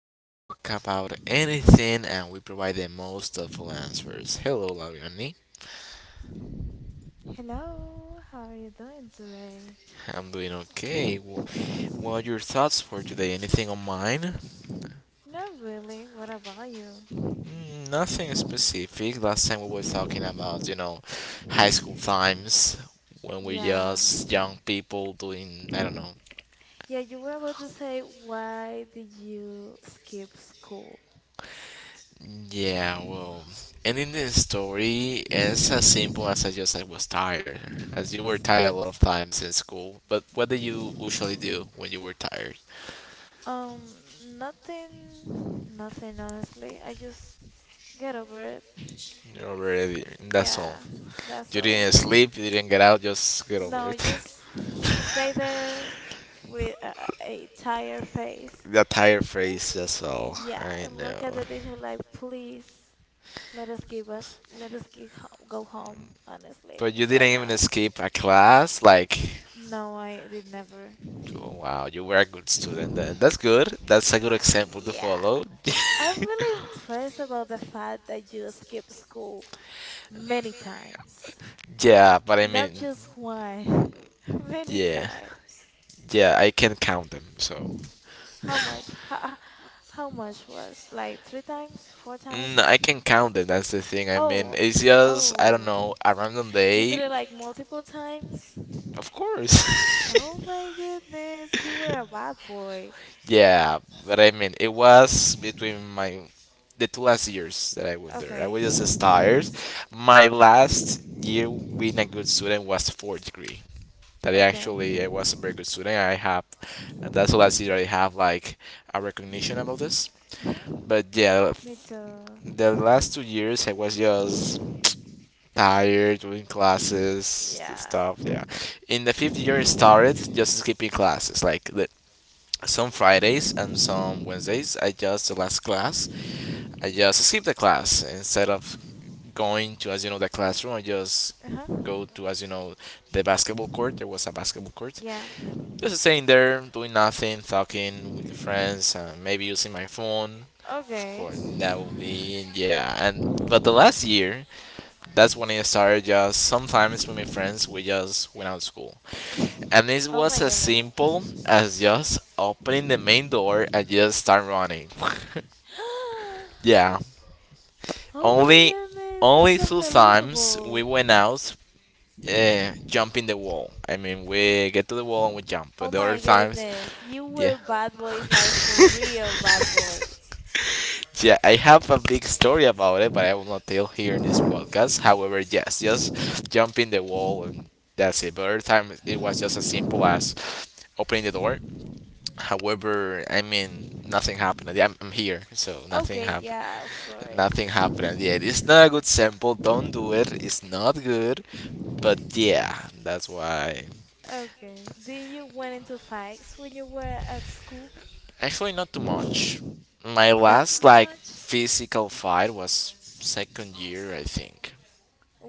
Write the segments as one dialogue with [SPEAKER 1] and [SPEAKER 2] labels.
[SPEAKER 1] when we talk about anything and we provide the most thoughtful answers. Hello, Laviani.
[SPEAKER 2] Hello, how are you doing today?
[SPEAKER 1] I'm doing okay. What are your thoughts for today? Anything on mine?
[SPEAKER 2] Not really. What about you?
[SPEAKER 1] Nothing specific. Last time we were talking about, high school times when we
[SPEAKER 2] Yeah.
[SPEAKER 1] just young people doing, I don't know,
[SPEAKER 2] Yeah, you were about to say why did you skip school?
[SPEAKER 1] yeah, well, ending the story is as simple as I was tired, as you were tired a lot of times in school. But what did you usually do when you were tired?
[SPEAKER 2] Um, nothing, nothing honestly. I just get over it.
[SPEAKER 1] You're already. That's
[SPEAKER 2] Yeah,
[SPEAKER 1] all.
[SPEAKER 2] that's
[SPEAKER 1] You
[SPEAKER 2] all.
[SPEAKER 1] didn't sleep. You didn't get out. Just get over
[SPEAKER 2] No,
[SPEAKER 1] it.
[SPEAKER 2] just stay there with a tired face.
[SPEAKER 1] That tired phrase. That's all.
[SPEAKER 2] Yeah,
[SPEAKER 1] I
[SPEAKER 2] and
[SPEAKER 1] know.
[SPEAKER 2] look at the teacher like, please. Let us give up. Let us give, go home, honestly,
[SPEAKER 1] But you
[SPEAKER 2] right
[SPEAKER 1] didn't even
[SPEAKER 2] now.
[SPEAKER 1] escape a class. Like,
[SPEAKER 2] No, I did never.
[SPEAKER 1] oh, wow, you were a good student. Then that's good. That's a good example to
[SPEAKER 2] Yeah,
[SPEAKER 1] follow.
[SPEAKER 2] I'm really impressed about the fact that you skip school many times.
[SPEAKER 1] Yeah, but I
[SPEAKER 2] Not
[SPEAKER 1] mean,
[SPEAKER 2] just one, many
[SPEAKER 1] yeah.
[SPEAKER 2] times.
[SPEAKER 1] Yeah, I can count them. So
[SPEAKER 2] How much? How much was? Like three times? Four
[SPEAKER 1] I
[SPEAKER 2] times?
[SPEAKER 1] can count it. That's the thing. I mean,
[SPEAKER 2] Oh,
[SPEAKER 1] it's just I don't
[SPEAKER 2] oh.
[SPEAKER 1] know a random
[SPEAKER 2] You did
[SPEAKER 1] day,
[SPEAKER 2] it like multiple times?
[SPEAKER 1] of course.
[SPEAKER 2] Oh my goodness, you were a bad boy.
[SPEAKER 1] Yeah, but I mean, it was between my the two last years that I went there. I
[SPEAKER 2] Okay,
[SPEAKER 1] was just tired. My last year being a good student was fourth degree. That I
[SPEAKER 2] okay.
[SPEAKER 1] actually I was a very good student. I have that's the last year I have like a recognition about this.
[SPEAKER 2] Mhm.
[SPEAKER 1] But yeah,
[SPEAKER 2] With the
[SPEAKER 1] the
[SPEAKER 2] mhm.
[SPEAKER 1] last 2 years I was just tired doing classes
[SPEAKER 2] Yeah.
[SPEAKER 1] stuff, yeah. In the fifth year I started just skipping classes like the, some fridays and some wednesdays, I just the last class I just skip the class instead of going to, as you know the classroom. I just
[SPEAKER 2] Uh-huh.
[SPEAKER 1] go to, as you know the basketball court. There was a basketball court,
[SPEAKER 2] Yeah.
[SPEAKER 1] just staying there doing nothing, talking with the friends, maybe using my phone
[SPEAKER 2] Okay.
[SPEAKER 1] or that would be, yeah. And but the last year, that's when I started just sometimes with my friends we just went out to school.
[SPEAKER 2] Mhm.
[SPEAKER 1] And it
[SPEAKER 2] Oh my
[SPEAKER 1] was as
[SPEAKER 2] goodness.
[SPEAKER 1] simple as just opening the main door and just start running. Yeah.
[SPEAKER 2] Oh my
[SPEAKER 1] Only
[SPEAKER 2] goodness,
[SPEAKER 1] only
[SPEAKER 2] that's
[SPEAKER 1] two times we
[SPEAKER 2] unbelievable.
[SPEAKER 1] went out, jumping the wall. I mean we get to the wall and we jump.
[SPEAKER 2] Oh
[SPEAKER 1] But the other
[SPEAKER 2] my
[SPEAKER 1] times,
[SPEAKER 2] goodness, you
[SPEAKER 1] yeah.
[SPEAKER 2] were bad boys like for real bad boys.
[SPEAKER 1] Yeah, I have a big story about it but I will not tell here in this podcast. However, yes, just jumping the wall and that's it. But other time it was just as simple as opening the door. However, I mean, nothing happened. I'm here, so nothing
[SPEAKER 2] Okay,
[SPEAKER 1] happened.
[SPEAKER 2] yeah, of
[SPEAKER 1] Nothing
[SPEAKER 2] course.
[SPEAKER 1] happened at the end. It's not a good sample. Don't do it. It's not good. But yeah, that's why.
[SPEAKER 2] Okay. Did you went into fights when you were at school?
[SPEAKER 1] Actually, not too much. My
[SPEAKER 2] Not too
[SPEAKER 1] last like
[SPEAKER 2] much.
[SPEAKER 1] physical fight was second year, I think.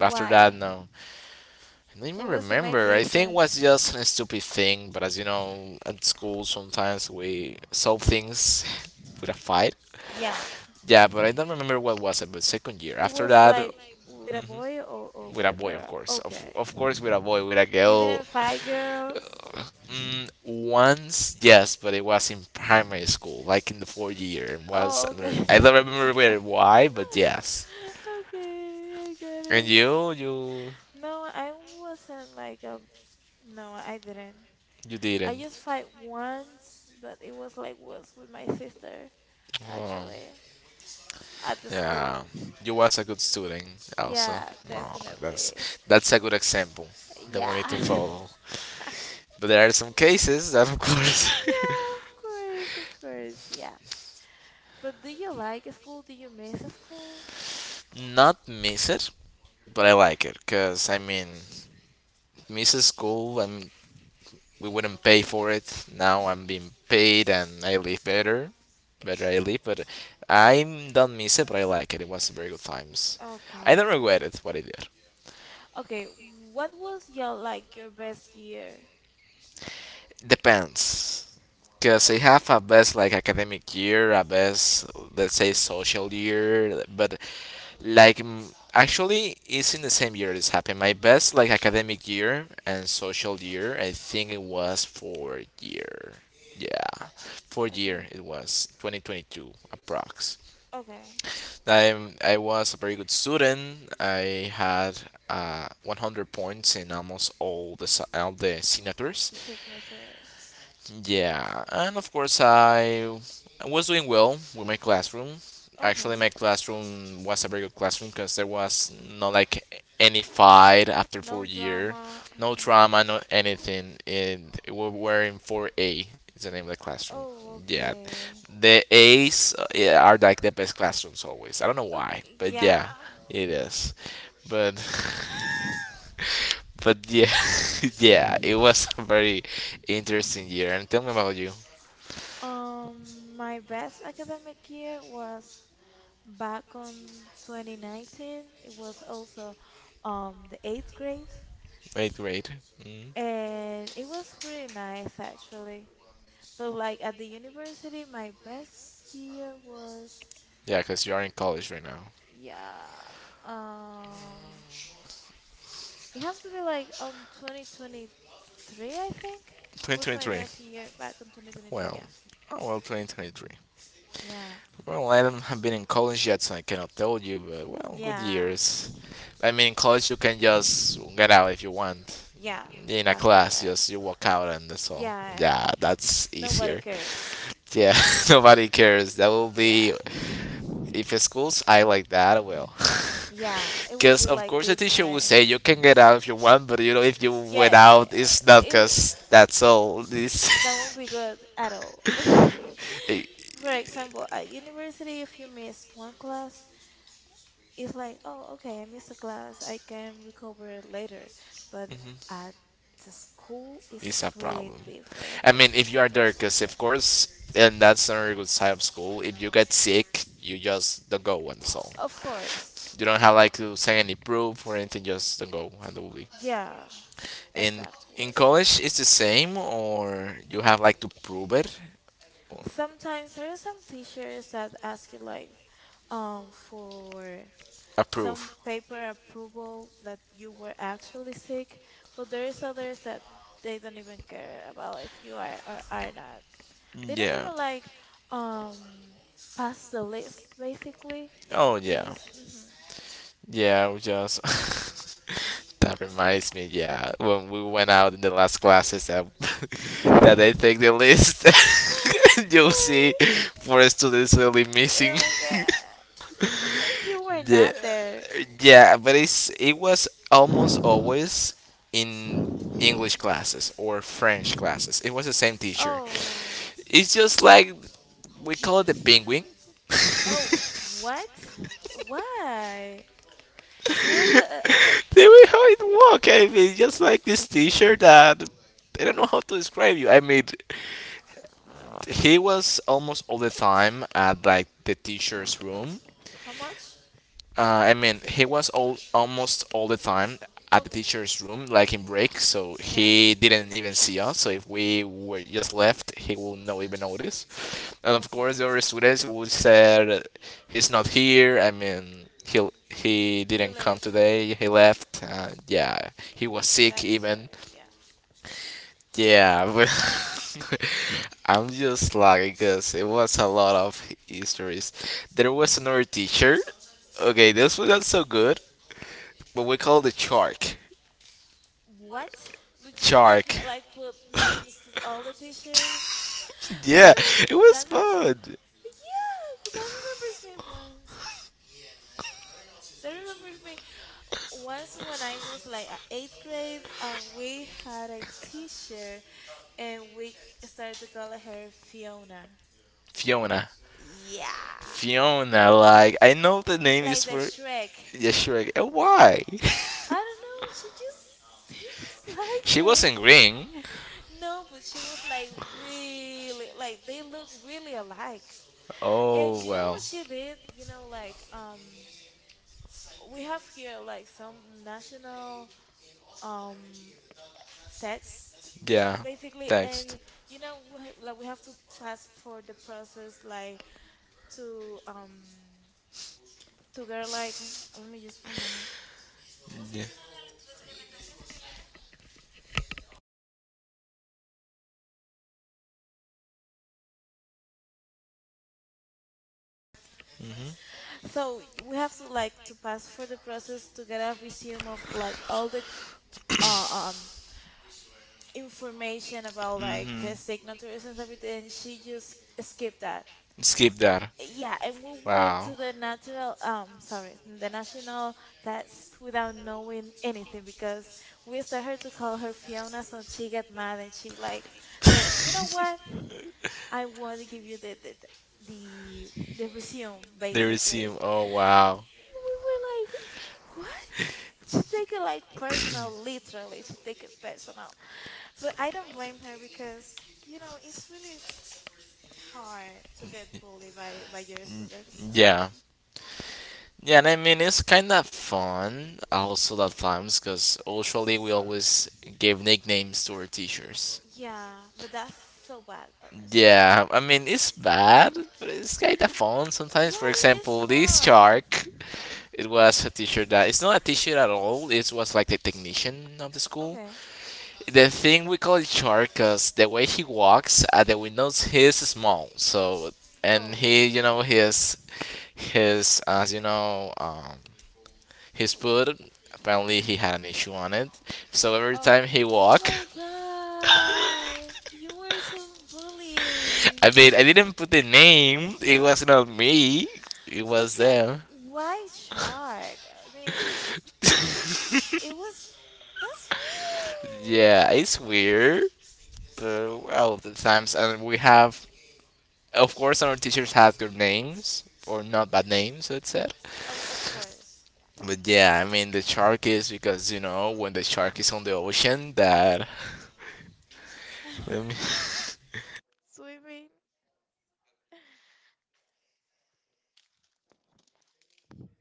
[SPEAKER 1] After that, no. I don't even
[SPEAKER 2] What was the main
[SPEAKER 1] remember. I think it
[SPEAKER 2] reason?
[SPEAKER 1] was just a stupid thing. But as you know, at school sometimes we solve things with a fight.
[SPEAKER 2] Yeah.
[SPEAKER 1] Yeah, but I don't remember what was it. But second year.
[SPEAKER 2] It
[SPEAKER 1] After
[SPEAKER 2] was
[SPEAKER 1] that,
[SPEAKER 2] like with a boy or
[SPEAKER 1] with
[SPEAKER 2] with
[SPEAKER 1] a
[SPEAKER 2] a
[SPEAKER 1] boy, of
[SPEAKER 2] girl.
[SPEAKER 1] course. Of,
[SPEAKER 2] Okay.
[SPEAKER 1] of course, with a boy, with a
[SPEAKER 2] You
[SPEAKER 1] girl.
[SPEAKER 2] didn't fight girls?
[SPEAKER 1] Once, yes, but it was in primary school, like in the fourth year. It was
[SPEAKER 2] Oh,
[SPEAKER 1] another. I
[SPEAKER 2] okay.
[SPEAKER 1] don't remember where, why, but yes.
[SPEAKER 2] Okay, I get
[SPEAKER 1] And
[SPEAKER 2] it.
[SPEAKER 1] you, you,
[SPEAKER 2] No, I wasn't like a. No, I didn't.
[SPEAKER 1] you
[SPEAKER 2] I
[SPEAKER 1] didn't.
[SPEAKER 2] just fight once, but it was with my sister,
[SPEAKER 1] Oh,
[SPEAKER 2] actually, at the
[SPEAKER 1] yeah.
[SPEAKER 2] school.
[SPEAKER 1] You was a good student, also.
[SPEAKER 2] Yeah,
[SPEAKER 1] Oh,
[SPEAKER 2] definitely.
[SPEAKER 1] that's a good example that we need to
[SPEAKER 2] Yeah.
[SPEAKER 1] follow. But there are some cases that, of course,
[SPEAKER 2] Yeah, of course, yeah. But do you like school? Do you miss school?
[SPEAKER 1] not miss it, but I like it because I mean, misses school. I mean, we wouldn't pay for it. Now I'm
[SPEAKER 2] Mhm.
[SPEAKER 1] being paid and I live better. Better I live, but I don't miss it, but I like it. It was very good times. I
[SPEAKER 2] Okay,
[SPEAKER 1] don't regret it, what I did.
[SPEAKER 2] okay, what was your like your best year?
[SPEAKER 1] Depends. Because I have a best like academic year, a best let's say social year, but like actually it's in the same year this happened. My best like academic year and social year, I think it was four year. Yeah, four year
[SPEAKER 2] Okay,
[SPEAKER 1] it was 2022 approx.
[SPEAKER 2] okay,
[SPEAKER 1] I I was a very good student. I had 100 points in almost all the signatures.
[SPEAKER 2] the signatures.
[SPEAKER 1] Yeah, and of course I was doing well with my classroom.
[SPEAKER 2] Okay,
[SPEAKER 1] Actually, my classroom was a very good classroom because there was not like any fight after
[SPEAKER 2] no
[SPEAKER 1] four-year,
[SPEAKER 2] drama.
[SPEAKER 1] no
[SPEAKER 2] Hmm.
[SPEAKER 1] trauma, no anything. And we were in four A. Is the name of the classroom.
[SPEAKER 2] Oh,
[SPEAKER 1] Yeah,
[SPEAKER 2] okay.
[SPEAKER 1] the A's, yeah, are like the best classrooms always. I don't know why,
[SPEAKER 2] Okay,
[SPEAKER 1] but yeah,
[SPEAKER 2] yeah.
[SPEAKER 1] it is. But but yeah, yeah, it was a very interesting year. And tell me about you.
[SPEAKER 2] My best academic year was back on 2019. It was also the eighth grade,
[SPEAKER 1] Eighth grade. Mm.
[SPEAKER 2] and it was pretty nice actually. But like at the university, my best year was.
[SPEAKER 1] Yeah, because you are in college right now.
[SPEAKER 2] Yeah. Um, it have to be like on 2023, I think, was my
[SPEAKER 1] 2023.
[SPEAKER 2] best year back in 2023.
[SPEAKER 1] Well,
[SPEAKER 2] Yeah.
[SPEAKER 1] oh well, 2023.
[SPEAKER 2] Yeah.
[SPEAKER 1] Well, I haven't have been in college yet, so I cannot tell you, but well, good
[SPEAKER 2] Yeah.
[SPEAKER 1] years. I mean, in college you can just get out if you want.
[SPEAKER 2] Yeah.
[SPEAKER 1] In a
[SPEAKER 2] That's
[SPEAKER 1] class,
[SPEAKER 2] correct.
[SPEAKER 1] just you walk out and that's all.
[SPEAKER 2] Yeah, and
[SPEAKER 1] Yeah, that's
[SPEAKER 2] nobody
[SPEAKER 1] easier.
[SPEAKER 2] cares.
[SPEAKER 1] Yeah, nobody cares. That will be
[SPEAKER 2] Yeah.
[SPEAKER 1] if schools I like that, well,
[SPEAKER 2] Yeah, it will
[SPEAKER 1] because
[SPEAKER 2] be
[SPEAKER 1] of
[SPEAKER 2] like
[SPEAKER 1] course the teacher will
[SPEAKER 2] different.
[SPEAKER 1] say you can get out if you want, but you know if you went
[SPEAKER 2] Yeah,
[SPEAKER 1] out, it's
[SPEAKER 2] uh,
[SPEAKER 1] not
[SPEAKER 2] it w-
[SPEAKER 1] because that's all. It's
[SPEAKER 2] that won't be good at all.
[SPEAKER 1] it,
[SPEAKER 2] For example, at university, if you miss one class, it's like, oh, okay, I missed a class. I can recover it later. But at the school,
[SPEAKER 1] it's
[SPEAKER 2] it's
[SPEAKER 1] a
[SPEAKER 2] really
[SPEAKER 1] problem.
[SPEAKER 2] different.
[SPEAKER 1] I mean,
[SPEAKER 2] It's,
[SPEAKER 1] if
[SPEAKER 2] it's a
[SPEAKER 1] you are there,
[SPEAKER 2] problem,
[SPEAKER 1] because of
[SPEAKER 2] yeah.
[SPEAKER 1] course, and that's not a very good side of school. If you get sick, you just don't go, and so
[SPEAKER 2] Of course.
[SPEAKER 1] you don't have like to send any proof or anything. Just don't go, and it will be.
[SPEAKER 2] Yeah,
[SPEAKER 1] In in
[SPEAKER 2] exactly.
[SPEAKER 1] college, it's the same, or you have like to prove it, or
[SPEAKER 2] Sometimes there are some teachers that ask you like for some
[SPEAKER 1] approve.
[SPEAKER 2] paper approval that you were actually sick, but there's others that they don't even care about if you are or are not. They don't
[SPEAKER 1] Yeah.
[SPEAKER 2] even like um pass the list basically.
[SPEAKER 1] Oh
[SPEAKER 2] They
[SPEAKER 1] yeah,
[SPEAKER 2] just hmm.
[SPEAKER 1] yeah. We just that reminds me. Yeah, when we went out in the last classes, that that I take the list, you'll see four students really
[SPEAKER 2] Oh
[SPEAKER 1] missing.
[SPEAKER 2] my god. And you were
[SPEAKER 1] Yeah,
[SPEAKER 2] not there.
[SPEAKER 1] yeah. But it was almost always in English classes or French classes. It was the same teacher.
[SPEAKER 2] Oh,
[SPEAKER 1] It's just like we
[SPEAKER 2] you
[SPEAKER 1] call it the penguin.
[SPEAKER 2] oh what? Why? It was a,
[SPEAKER 1] The
[SPEAKER 2] a, a
[SPEAKER 1] way how it walk, I mean, just like this T-shirt that I don't know how to describe you. I mean, he was almost all the time at like the teacher's room,
[SPEAKER 2] how much?
[SPEAKER 1] I mean, he was all almost all the time at the
[SPEAKER 2] Okay.
[SPEAKER 1] teacher's room, like in break, so
[SPEAKER 2] Yeah.
[SPEAKER 1] he didn't even see us. So if we were just left, he will not even notice. And of course,
[SPEAKER 2] Okay.
[SPEAKER 1] the other students would say he's not here. I mean, he
[SPEAKER 2] He
[SPEAKER 1] didn't come
[SPEAKER 2] left.
[SPEAKER 1] today. He
[SPEAKER 2] Hmm.
[SPEAKER 1] left. Yeah, he was
[SPEAKER 2] He
[SPEAKER 1] sick
[SPEAKER 2] left,
[SPEAKER 1] even.
[SPEAKER 2] sorry. Yeah.
[SPEAKER 1] Yeah, but I'm just lucky because it was a lot of histories. There was another teacher. Okay, this was not so good but we called it Chark,
[SPEAKER 2] What? Would you
[SPEAKER 1] Chark.
[SPEAKER 2] like put names to all the t you
[SPEAKER 1] Yeah,
[SPEAKER 2] know,
[SPEAKER 1] it was
[SPEAKER 2] that remember
[SPEAKER 1] fun.
[SPEAKER 2] yeah, that remembers me once. That remembers me once when I was like at eighth grade and we had a teacher and we started to call her Fiona.
[SPEAKER 1] Fiona.
[SPEAKER 2] Yeah,
[SPEAKER 1] Fiona, like, I know the name
[SPEAKER 2] like
[SPEAKER 1] is
[SPEAKER 2] the
[SPEAKER 1] for.
[SPEAKER 2] Shrek.
[SPEAKER 1] Yeah, Shrek. And why?
[SPEAKER 2] I don't know, she just seems like
[SPEAKER 1] She
[SPEAKER 2] her.
[SPEAKER 1] wasn't green.
[SPEAKER 2] No, but she was like really like they look really alike. And
[SPEAKER 1] Oh,
[SPEAKER 2] you know
[SPEAKER 1] well.
[SPEAKER 2] what she did? You know, like we have here like some national um text
[SPEAKER 1] Yeah.
[SPEAKER 2] basically
[SPEAKER 1] Text.
[SPEAKER 2] and you know we like we have to pass for the process like to um to get like let me just one moment
[SPEAKER 1] Yeah.
[SPEAKER 2] so we have to like to pass for the process to get a resume of like all the uh, um information about like
[SPEAKER 1] Mm-hmm.
[SPEAKER 2] the signatures and everything she just skipped that,
[SPEAKER 1] Skip that.
[SPEAKER 2] yeah, and we went
[SPEAKER 1] Wow.
[SPEAKER 2] to the natural, sorry, the national, that's without knowing anything because we started to call her Fiona, so she get mad and she like say, you know what? I want to give you the, the resume
[SPEAKER 1] They
[SPEAKER 2] basically. And
[SPEAKER 1] resume. Oh, wow.
[SPEAKER 2] we were like, what? She take it like personal, literally. She take it personal, but I don't blame her because you know it's really hard to get bullied by your students,
[SPEAKER 1] Yeah.
[SPEAKER 2] honestly.
[SPEAKER 1] Yeah, and I mean, it's kind of fun also at times because usually we always give nicknames to our teachers.
[SPEAKER 2] Yeah, but that's so bad, honestly.
[SPEAKER 1] Yeah, I mean it's bad, but it's kind of fun sometimes.
[SPEAKER 2] Yeah,
[SPEAKER 1] For
[SPEAKER 2] it's
[SPEAKER 1] example, this
[SPEAKER 2] fun.
[SPEAKER 1] shark, it was a teacher that it's not a teacher at all. It was like the technician of the school.
[SPEAKER 2] Okay.
[SPEAKER 1] The thing we call it shark, cause the way he walks at the windows, he is small. So and he,
[SPEAKER 2] Oh,
[SPEAKER 1] you know, his, his foot. Apparently, he had an issue on it. So every
[SPEAKER 2] oh,
[SPEAKER 1] time he
[SPEAKER 2] oh
[SPEAKER 1] walk,
[SPEAKER 2] my God. You were so bullied.
[SPEAKER 1] I mean, I didn't put the name. It was not me. It
[SPEAKER 2] But
[SPEAKER 1] was
[SPEAKER 2] good,
[SPEAKER 1] them.
[SPEAKER 2] why shark? I mean, it was, that's weird.
[SPEAKER 1] Yeah, it's weird, but well, the times and we have, of course, our teachers have good names or not bad names, let's say.
[SPEAKER 2] Oh, of course.
[SPEAKER 1] But yeah, I mean the shark is because you know when the shark is on the ocean that, let me-
[SPEAKER 2] Swimming.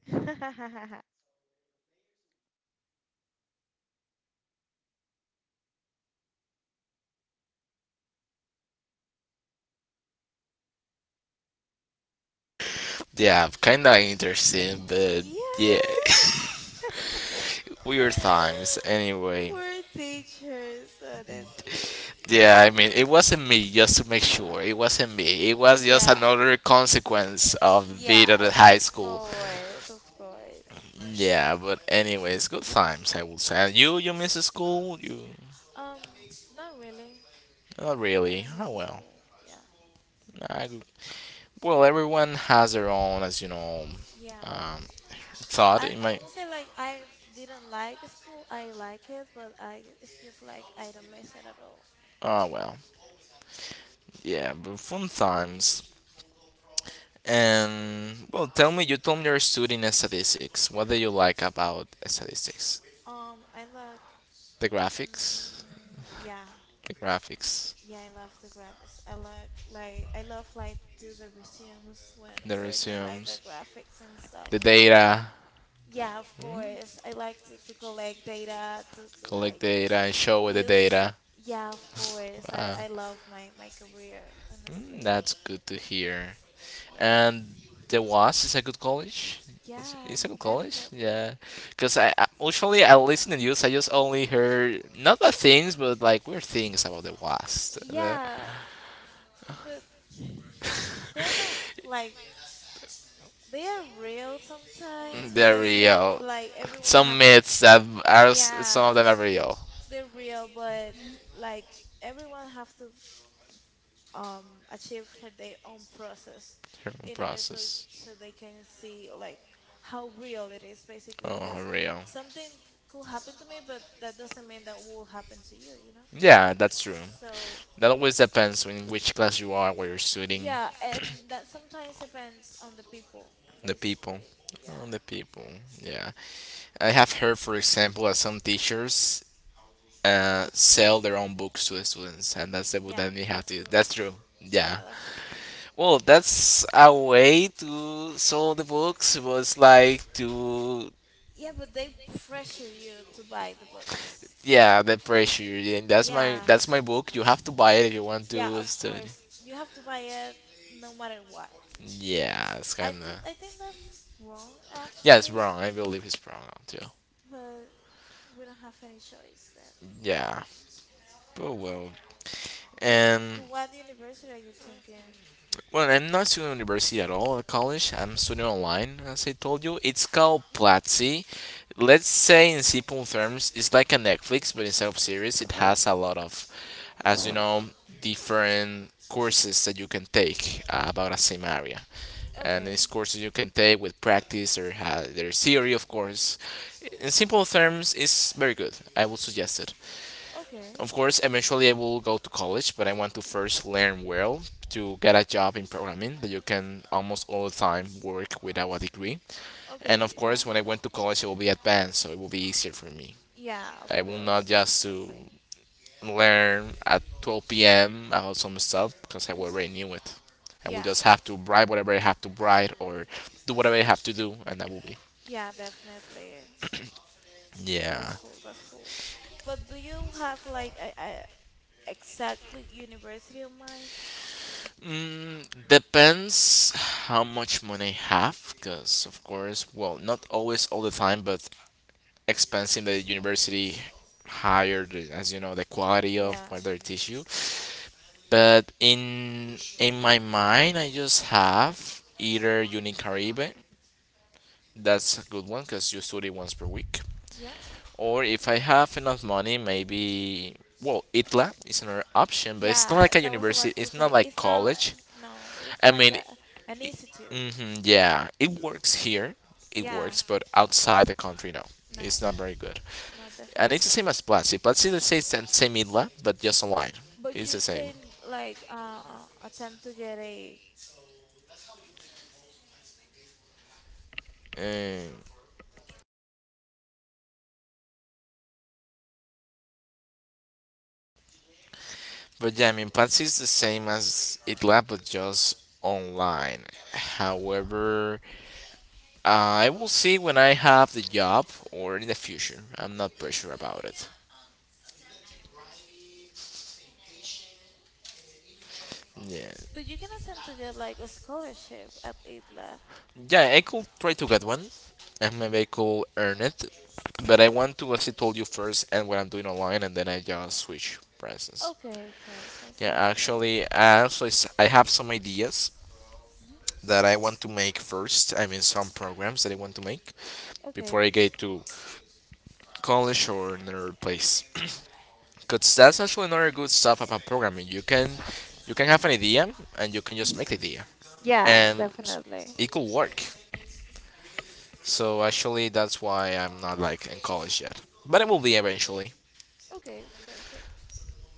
[SPEAKER 1] yeah, kind of interesting, but yeah,
[SPEAKER 2] Yeah.
[SPEAKER 1] weird times. Anyway,
[SPEAKER 2] Poor teachers, honestly.
[SPEAKER 1] yeah, I mean it wasn't me. Just to make sure, it wasn't me. It was just
[SPEAKER 2] Yeah,
[SPEAKER 1] another consequence of being
[SPEAKER 2] yeah,
[SPEAKER 1] at the high
[SPEAKER 2] of
[SPEAKER 1] school.
[SPEAKER 2] course, of course.
[SPEAKER 1] Yeah, but anyways, good times I would say. And you miss school? You
[SPEAKER 2] Um, not really.
[SPEAKER 1] not
[SPEAKER 2] I
[SPEAKER 1] really.
[SPEAKER 2] don't
[SPEAKER 1] Oh
[SPEAKER 2] miss
[SPEAKER 1] well.
[SPEAKER 2] school. Yeah.
[SPEAKER 1] I, well, everyone has their own,
[SPEAKER 2] Yeah.
[SPEAKER 1] um, thought. It
[SPEAKER 2] I
[SPEAKER 1] might.
[SPEAKER 2] won't say like I didn't like school. I like it, but I it's just like I don't miss it at all.
[SPEAKER 1] Oh well. Yeah, but fun times. And well, tell me, you told me you're studying statistics. What do you like about statistics?
[SPEAKER 2] I like,
[SPEAKER 1] The graphics,
[SPEAKER 2] yeah,
[SPEAKER 1] the graphics,
[SPEAKER 2] yeah, I love the graphics. I like, I love like do the resumes when
[SPEAKER 1] the
[SPEAKER 2] we're doing like the
[SPEAKER 1] resumes,
[SPEAKER 2] graphics and stuff.
[SPEAKER 1] the data.
[SPEAKER 2] Yeah, of
[SPEAKER 1] Hmm?
[SPEAKER 2] course. I like to collect data to
[SPEAKER 1] Collect
[SPEAKER 2] like
[SPEAKER 1] data and show the
[SPEAKER 2] use.
[SPEAKER 1] data.
[SPEAKER 2] Yeah, of course.
[SPEAKER 1] Uh,
[SPEAKER 2] I love my career, honestly.
[SPEAKER 1] that's good to hear.
[SPEAKER 2] Yeah.
[SPEAKER 1] And the was is a good college.
[SPEAKER 2] Yeah,
[SPEAKER 1] It's a good college, yeah.
[SPEAKER 2] definitely.
[SPEAKER 1] Because usually I listen to news. I just only heard not bad things, but like weird things about the was. The-
[SPEAKER 2] Yeah, but they're not like they are real sometimes
[SPEAKER 1] They're
[SPEAKER 2] because you know
[SPEAKER 1] real.
[SPEAKER 2] like everyone
[SPEAKER 1] Some
[SPEAKER 2] have to,
[SPEAKER 1] myths that are
[SPEAKER 2] yeah,
[SPEAKER 1] some of them are real.
[SPEAKER 2] they're real but like everyone have to um achieve their own process
[SPEAKER 1] Herman
[SPEAKER 2] in order so
[SPEAKER 1] process.
[SPEAKER 2] so they can see like how real it is basically,
[SPEAKER 1] Oh,
[SPEAKER 2] because
[SPEAKER 1] real.
[SPEAKER 2] something could happen to me but that doesn't mean that will happen to you, you know,
[SPEAKER 1] Yeah, that's true.
[SPEAKER 2] so
[SPEAKER 1] That always depends on which class you are, where you're studying,
[SPEAKER 2] yeah, and that sometimes depends on the people
[SPEAKER 1] the people.
[SPEAKER 2] basically, yeah,
[SPEAKER 1] On the people, yeah. I have heard, for example, that some teachers sell their own books to the students, and that's the book
[SPEAKER 2] yeah,
[SPEAKER 1] that we have
[SPEAKER 2] that's
[SPEAKER 1] to.
[SPEAKER 2] true,
[SPEAKER 1] That's true. Yeah.
[SPEAKER 2] yeah, that's true,
[SPEAKER 1] Well, that's a way to sell the books. Was like to
[SPEAKER 2] yeah, but they pressure you to buy the books,
[SPEAKER 1] yeah the pressure. And that's my
[SPEAKER 2] yeah.
[SPEAKER 1] that's my book. You have to buy it if you want
[SPEAKER 2] Yeah,
[SPEAKER 1] to
[SPEAKER 2] of
[SPEAKER 1] study.
[SPEAKER 2] course. You have to buy it no matter what.
[SPEAKER 1] Yeah, it's
[SPEAKER 2] I
[SPEAKER 1] kind
[SPEAKER 2] don't,
[SPEAKER 1] of
[SPEAKER 2] I think that's wrong
[SPEAKER 1] yeah, it's
[SPEAKER 2] actually,
[SPEAKER 1] wrong. I believe it's wrong too.
[SPEAKER 2] but we don't have any choice then.
[SPEAKER 1] Yeah. Oh well.
[SPEAKER 2] But
[SPEAKER 1] And
[SPEAKER 2] to what university are you thinking?
[SPEAKER 1] well, I'm not studying at university at all at college. I'm studying online, as I told you. It's called Platzi. Let's say in simple terms, it's like a Netflix, but instead of series, it has a lot of, as you know, different courses that you can take about a same area. And
[SPEAKER 2] Okay,
[SPEAKER 1] these courses you can take with practice or their theory, of course. In simple terms, it's very good. I would suggest it.
[SPEAKER 2] okay,
[SPEAKER 1] Of course, eventually I will go to college, but I want to first learn well to get a job in programming that you can almost all the time work without a degree. And
[SPEAKER 2] okay,
[SPEAKER 1] of course,
[SPEAKER 2] yeah.
[SPEAKER 1] when I went to college, it will be advanced, so it will be easier for me.
[SPEAKER 2] Yeah, of
[SPEAKER 1] I will
[SPEAKER 2] course,
[SPEAKER 1] not just to
[SPEAKER 2] definitely.
[SPEAKER 1] learn at 12 p.m. about some stuff because I already
[SPEAKER 2] Hmm.
[SPEAKER 1] knew it. I will
[SPEAKER 2] Yeah,
[SPEAKER 1] just have to write whatever I have to write or do whatever I have to do, and that will be.
[SPEAKER 2] yeah, definitely.
[SPEAKER 1] Yeah.
[SPEAKER 2] That's cool, that's cool. But do you have like a exactly university in mind?
[SPEAKER 1] Mm, depends how much money I have, because of course, well, not always all the time, but expensive. The university higher, the- as you know, the quality of
[SPEAKER 2] Yeah.
[SPEAKER 1] what they teach you. But in my mind, I just have either Unicaribe, that's a good one, because you study once per week,
[SPEAKER 2] Yeah.
[SPEAKER 1] or if I have enough money, maybe. Well, ITLA is another option, but it's not
[SPEAKER 2] Yeah,
[SPEAKER 1] like a
[SPEAKER 2] that was
[SPEAKER 1] university.
[SPEAKER 2] about to
[SPEAKER 1] It's not
[SPEAKER 2] say.
[SPEAKER 1] like
[SPEAKER 2] It's not like,
[SPEAKER 1] college.
[SPEAKER 2] no, it's
[SPEAKER 1] I
[SPEAKER 2] like
[SPEAKER 1] mean,
[SPEAKER 2] a an institute.
[SPEAKER 1] yeah, it works here. It
[SPEAKER 2] Yeah,
[SPEAKER 1] works, but outside the country, no. It's
[SPEAKER 2] no,
[SPEAKER 1] not very good.
[SPEAKER 2] no,
[SPEAKER 1] And it's the
[SPEAKER 2] definitely
[SPEAKER 1] same
[SPEAKER 2] not.
[SPEAKER 1] as Platzi. Platzi, let's say, it's the same idla, but just online.
[SPEAKER 2] But
[SPEAKER 1] It's the
[SPEAKER 2] you
[SPEAKER 1] same.
[SPEAKER 2] can like attempt to get a,
[SPEAKER 1] Uh, but yeah, I mean, Platzi is the same as idla, but just online. However, I will see when I have the job or in the future. I'm not pretty sure about it. Yeah.
[SPEAKER 2] but you can attempt to get like a scholarship at ITLA.
[SPEAKER 1] Yeah, I could try to get one, and maybe I could earn it. But I want to, as I told you first, and what I'm doing online, and then I just switch presents.
[SPEAKER 2] Okay, perfect.
[SPEAKER 1] Yeah,
[SPEAKER 2] Sounds great.
[SPEAKER 1] actually, I also s- I have some ideas
[SPEAKER 2] Mhm.
[SPEAKER 1] that I want to make first. I mean, some programs that I want to make
[SPEAKER 2] Okay.
[SPEAKER 1] before I get to college or another place. Cause that's actually another good stuff about programming. You can have an idea, and you can just make the
[SPEAKER 2] Hmm.
[SPEAKER 1] idea,
[SPEAKER 2] Yeah,
[SPEAKER 1] and
[SPEAKER 2] definitely.
[SPEAKER 1] it could work. So actually, that's why I'm not like in college yet. But it will be eventually.
[SPEAKER 2] Okay, perfect.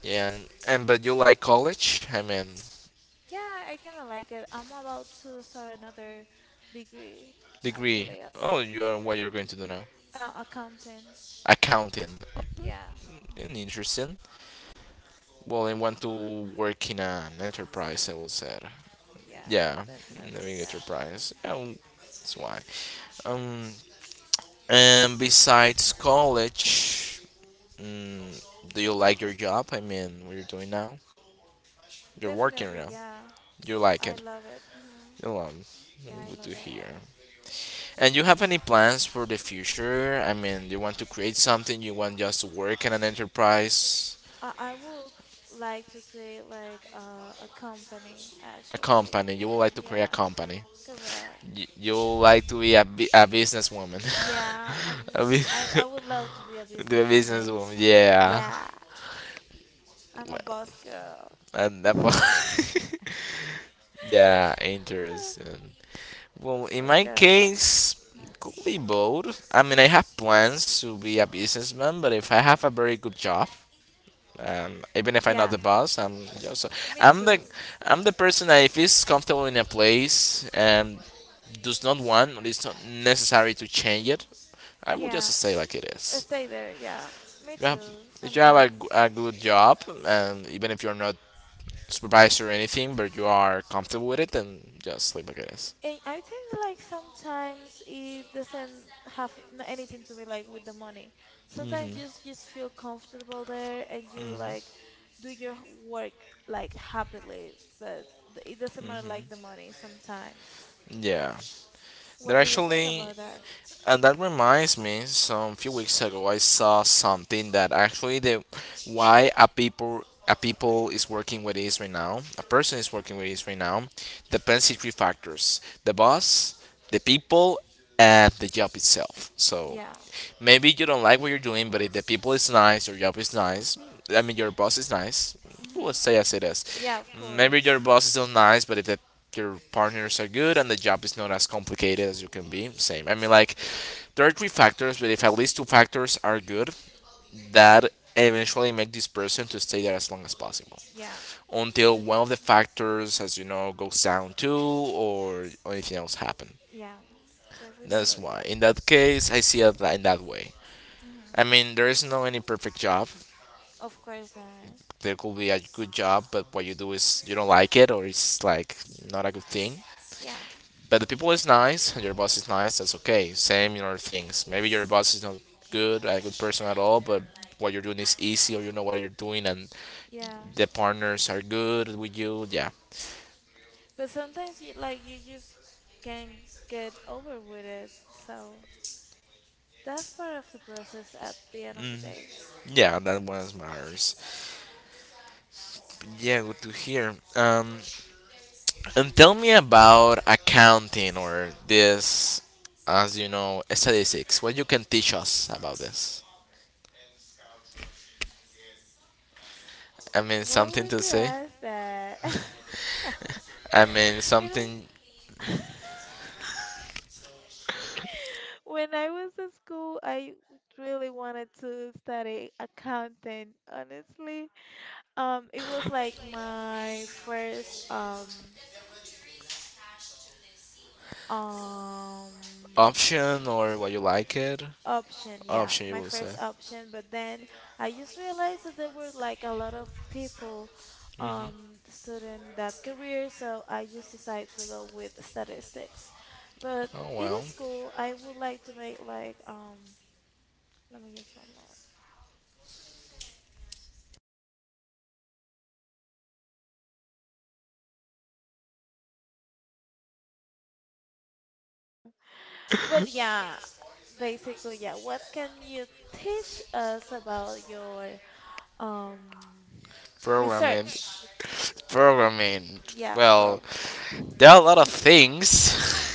[SPEAKER 1] Yeah, and but you like college? I mean,
[SPEAKER 2] Yeah, I kind of like it. I'm about to start another degree,
[SPEAKER 1] degree.
[SPEAKER 2] actually,
[SPEAKER 1] Oh, you are what you're going to do now?
[SPEAKER 2] accounting.
[SPEAKER 1] Accounting.
[SPEAKER 2] Yeah,
[SPEAKER 1] Mm, interesting. Well, I want to work in an enterprise. I would say.
[SPEAKER 2] yeah,
[SPEAKER 1] Yeah, in a
[SPEAKER 2] definitely,
[SPEAKER 1] big
[SPEAKER 2] yeah.
[SPEAKER 1] enterprise. Yeah, w- that's why. Um, and besides college, mm, do you like your job? I mean, what you're doing now? You're working
[SPEAKER 2] Definitely,
[SPEAKER 1] now.
[SPEAKER 2] yeah.
[SPEAKER 1] You like
[SPEAKER 2] I
[SPEAKER 1] it?
[SPEAKER 2] love it. Hmm.
[SPEAKER 1] Milan.
[SPEAKER 2] Yeah, I
[SPEAKER 1] We do
[SPEAKER 2] love it.
[SPEAKER 1] here. And you have any plans for the future? I mean, you want to create something? You want just to work in an enterprise,
[SPEAKER 2] I would like to create like a company,
[SPEAKER 1] a
[SPEAKER 2] actually.
[SPEAKER 1] company? You would like to create a
[SPEAKER 2] Yeah,
[SPEAKER 1] company?
[SPEAKER 2] correct.
[SPEAKER 1] You would like to be a, bu- a businesswoman?
[SPEAKER 2] Yeah,
[SPEAKER 1] a bu-
[SPEAKER 2] I would love to be a
[SPEAKER 1] the
[SPEAKER 2] businesswoman.
[SPEAKER 1] businesswoman, yeah.
[SPEAKER 2] Yeah, I'm a
[SPEAKER 1] Well,
[SPEAKER 2] boss girl
[SPEAKER 1] and that
[SPEAKER 2] or
[SPEAKER 1] part, yeah, interesting. Well, in my
[SPEAKER 2] girl boss.
[SPEAKER 1] case,
[SPEAKER 2] Mhm.
[SPEAKER 1] could be both. I mean, I have plans to be a businessman, but if I have a very good job, even if I'm not
[SPEAKER 2] Yeah,
[SPEAKER 1] the boss, I'm just
[SPEAKER 2] me
[SPEAKER 1] I'm the
[SPEAKER 2] too.
[SPEAKER 1] I'm the person that if is comfortable in a place and does not want or it's not necessary to change it, I will just
[SPEAKER 2] Yeah,
[SPEAKER 1] stay like it
[SPEAKER 2] I
[SPEAKER 1] is.
[SPEAKER 2] stay there. Yeah, me
[SPEAKER 1] You have,
[SPEAKER 2] too.
[SPEAKER 1] if you have a, g-
[SPEAKER 2] Sometimes,
[SPEAKER 1] a good job, and even if you're not supervised or anything, but you are comfortable with it, then just leave like it is.
[SPEAKER 2] and I think like sometimes it doesn't have anything to be like with the money. Sometimes you
[SPEAKER 1] Mm-hmm.
[SPEAKER 2] just feel comfortable there and you like do your work like happily, but it doesn't matter like the money sometimes.
[SPEAKER 1] Yeah, there
[SPEAKER 2] What do you think
[SPEAKER 1] actually
[SPEAKER 2] about that?
[SPEAKER 1] and that reminds me, some few weeks ago, I saw something that actually the why a people is working with is right now, a person is working with is right now, depends on three factors: the boss, the people, and the job itself. So
[SPEAKER 2] Yeah.
[SPEAKER 1] maybe you don't like what you're doing, but if the people is nice, your job is nice. I mean, your boss is nice.
[SPEAKER 2] Mhm.
[SPEAKER 1] Let's say as it is.
[SPEAKER 2] Yeah, of
[SPEAKER 1] Maybe your
[SPEAKER 2] course.
[SPEAKER 1] boss is not nice, but if the your partners are good and the job is not as complicated as you can be. Same. I mean, like there are three factors, but if at least two factors are good, that eventually make this person to stay there as long as possible
[SPEAKER 2] Yeah,
[SPEAKER 1] until one of the
[SPEAKER 2] definitely.
[SPEAKER 1] factors, as you know, goes down too, or anything else happen.
[SPEAKER 2] Yeah,
[SPEAKER 1] That's
[SPEAKER 2] definitely.
[SPEAKER 1] why.
[SPEAKER 2] Yeah.
[SPEAKER 1] In that case, I see it in that way. I
[SPEAKER 2] Mhm.
[SPEAKER 1] mean, there is no any perfect job.
[SPEAKER 2] Of course not.
[SPEAKER 1] There could be a good job, but what you do is you don't like it, or it's like not a good thing.
[SPEAKER 2] Yeah.
[SPEAKER 1] But the people is nice and your boss is nice, that's okay. Same in
[SPEAKER 2] Yeah.
[SPEAKER 1] other things. Maybe your boss is not good, a good person at all, but what you're doing is easy or you know what you're doing and
[SPEAKER 2] Yeah.
[SPEAKER 1] the partners are good with you, yeah.
[SPEAKER 2] But sometimes you like you just can get over with it. So that's part of the process at the end of the day.
[SPEAKER 1] Yeah, that one matters. But yeah, good to hear. And tell me about accounting or this, as you know, statistics. What you can teach us about this? I mean,
[SPEAKER 2] Why
[SPEAKER 1] something
[SPEAKER 2] would
[SPEAKER 1] to
[SPEAKER 2] you
[SPEAKER 1] say.
[SPEAKER 2] ask that?
[SPEAKER 1] I mean,
[SPEAKER 2] You know,
[SPEAKER 1] something
[SPEAKER 2] when I was at school, I really wanted to study accounting, honestly. It was like my first um
[SPEAKER 1] option or what you like it
[SPEAKER 2] option, yeah,
[SPEAKER 1] option you
[SPEAKER 2] my
[SPEAKER 1] will
[SPEAKER 2] first
[SPEAKER 1] say.
[SPEAKER 2] option. But then I just realized that there were like a lot of people
[SPEAKER 1] hmm
[SPEAKER 2] studying that career, so I just decided to go with statistics. But
[SPEAKER 1] Oh
[SPEAKER 2] it
[SPEAKER 1] well,
[SPEAKER 2] is cool. I would like to make like let me just one moment. But yeah, basically, yeah, what can you teach us about your um
[SPEAKER 1] programming,
[SPEAKER 2] research?
[SPEAKER 1] programming.
[SPEAKER 2] Yeah,
[SPEAKER 1] Well,
[SPEAKER 2] programmer.
[SPEAKER 1] there are a lot of things.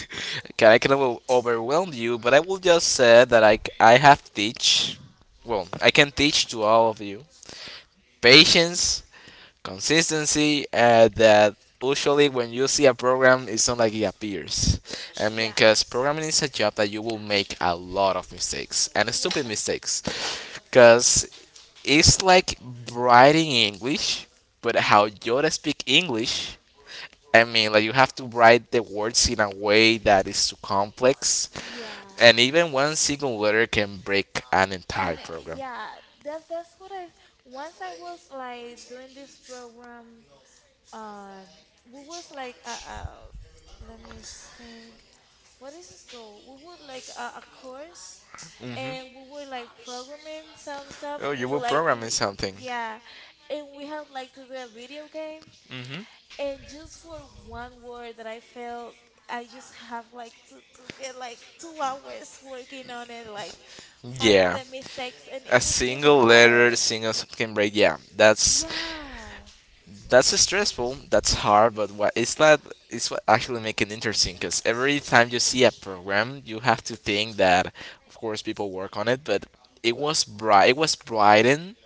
[SPEAKER 1] Can I can over- overwhelm you, but I will just say that I c- I have to teach. Well, I can teach to all of you patience, consistency, and that usually when you see a program, it's not like it appears. I mean,
[SPEAKER 2] Yeah,
[SPEAKER 1] because programming is a job that you will make a lot of mistakes and stupid
[SPEAKER 2] yeah,
[SPEAKER 1] mistakes. Because it's like writing English, but how Yoda speak English. I mean, like you have to write the words in a way that is too complex,
[SPEAKER 2] yeah.
[SPEAKER 1] and even one single letter can break an
[SPEAKER 2] And
[SPEAKER 1] entire
[SPEAKER 2] uh,
[SPEAKER 1] program.
[SPEAKER 2] yeah, that's what I once I was like doing this program on we was like let me think. What is this called? We would like a course and
[SPEAKER 1] hmm
[SPEAKER 2] we were like programming some stuff.
[SPEAKER 1] Oh, you
[SPEAKER 2] We
[SPEAKER 1] were
[SPEAKER 2] like
[SPEAKER 1] programming
[SPEAKER 2] we,
[SPEAKER 1] something.
[SPEAKER 2] yeah, and we had like to do a video game.
[SPEAKER 1] hmm
[SPEAKER 2] And just for one word that I felt, I just have like to get like 2 hours working on it, like finding
[SPEAKER 1] Yeah,
[SPEAKER 2] the mistakes, and
[SPEAKER 1] a
[SPEAKER 2] it was really
[SPEAKER 1] single letter,
[SPEAKER 2] hard.
[SPEAKER 1] single s- can break. Yeah, that's
[SPEAKER 2] Yeah.
[SPEAKER 1] That's stressful. That's hard, but what it's that it's what actually make it interesting. Because every time you see a program, you have to think that, of course, people work on it, but it was bright. It was brightened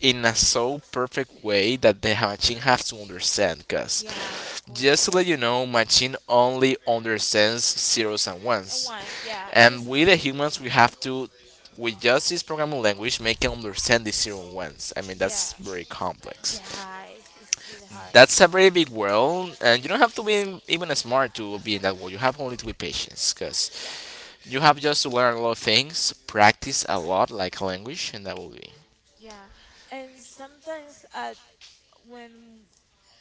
[SPEAKER 1] in a so perfect way that the machine has to understand. Because
[SPEAKER 2] Yeah, of course,
[SPEAKER 1] just to let you know,
[SPEAKER 2] definitely.
[SPEAKER 1] machine only understands zeros and
[SPEAKER 2] And
[SPEAKER 1] ones,
[SPEAKER 2] once, yeah,
[SPEAKER 1] and
[SPEAKER 2] it's,
[SPEAKER 1] we the humans we have to. We just this programming language make it understand the zero and ones. I mean that's
[SPEAKER 2] yeah,
[SPEAKER 1] very complex.
[SPEAKER 2] yeah, it's really hard.
[SPEAKER 1] That's a very big world, and you don't have to be even smart to be in that world. You have only to be patient, because
[SPEAKER 2] Yeah.
[SPEAKER 1] you have just to learn a lot of things, practice a lot, like language, and that will be
[SPEAKER 2] Yeah, and sometimes when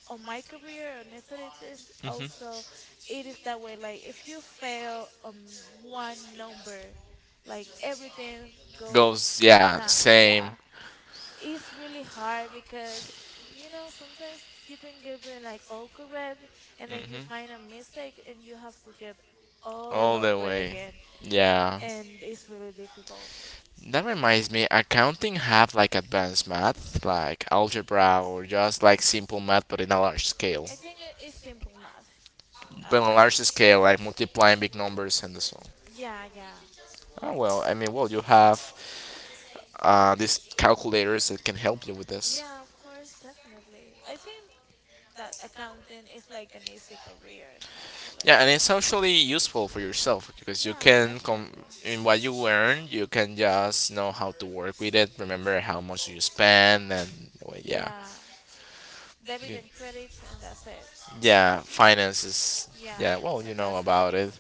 [SPEAKER 2] on my career and instead it is also it is that way like if you fail on one number like everything go
[SPEAKER 1] goes. Yeah,
[SPEAKER 2] down, yeah,
[SPEAKER 1] same,
[SPEAKER 2] it's really hard because you know sometimes you think you're doing like all correct and then you
[SPEAKER 1] hmm
[SPEAKER 2] find a mistake and you have to get all
[SPEAKER 1] all the
[SPEAKER 2] over
[SPEAKER 1] way.
[SPEAKER 2] again
[SPEAKER 1] Yeah,
[SPEAKER 2] and it's really difficult.
[SPEAKER 1] that reminds me. Accounting have like advanced math, like algebra, or just like simple math, but in a large scale.
[SPEAKER 2] I think it's simple math
[SPEAKER 1] But on a large
[SPEAKER 2] actually,
[SPEAKER 1] scale, like multiplying big numbers and so on.
[SPEAKER 2] yeah, yeah,
[SPEAKER 1] Oh well, I mean, well, you have these calculators that can help you with this.
[SPEAKER 2] yeah, of course, definitely. I think that accounting is like an easy career, actually.
[SPEAKER 1] Yeah, and it's actually useful for yourself because you
[SPEAKER 2] Yeah,
[SPEAKER 1] can, com-
[SPEAKER 2] definitely.
[SPEAKER 1] in what you earn, you can just know how to work with it. Remember how much you spend, and well, yeah,
[SPEAKER 2] Yeah, debit and credits, and that's it.
[SPEAKER 1] yeah, finances.
[SPEAKER 2] Yeah,
[SPEAKER 1] Yeah, well, you
[SPEAKER 2] and
[SPEAKER 1] know
[SPEAKER 2] that's it.
[SPEAKER 1] about it.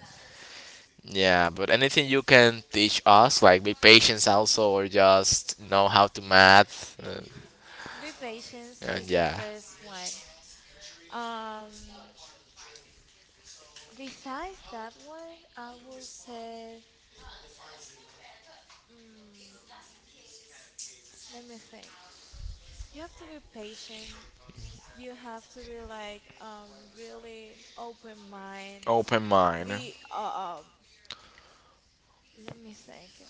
[SPEAKER 1] Yeah, but anything you can teach us, like be patient also, or just know how to math,
[SPEAKER 2] Be patient
[SPEAKER 1] and
[SPEAKER 2] is the
[SPEAKER 1] yeah,
[SPEAKER 2] first one. Um, besides that one, I will say, mm, let me think. You have to be patient. You have to be like really open mind.
[SPEAKER 1] open mind.
[SPEAKER 2] Be let me think.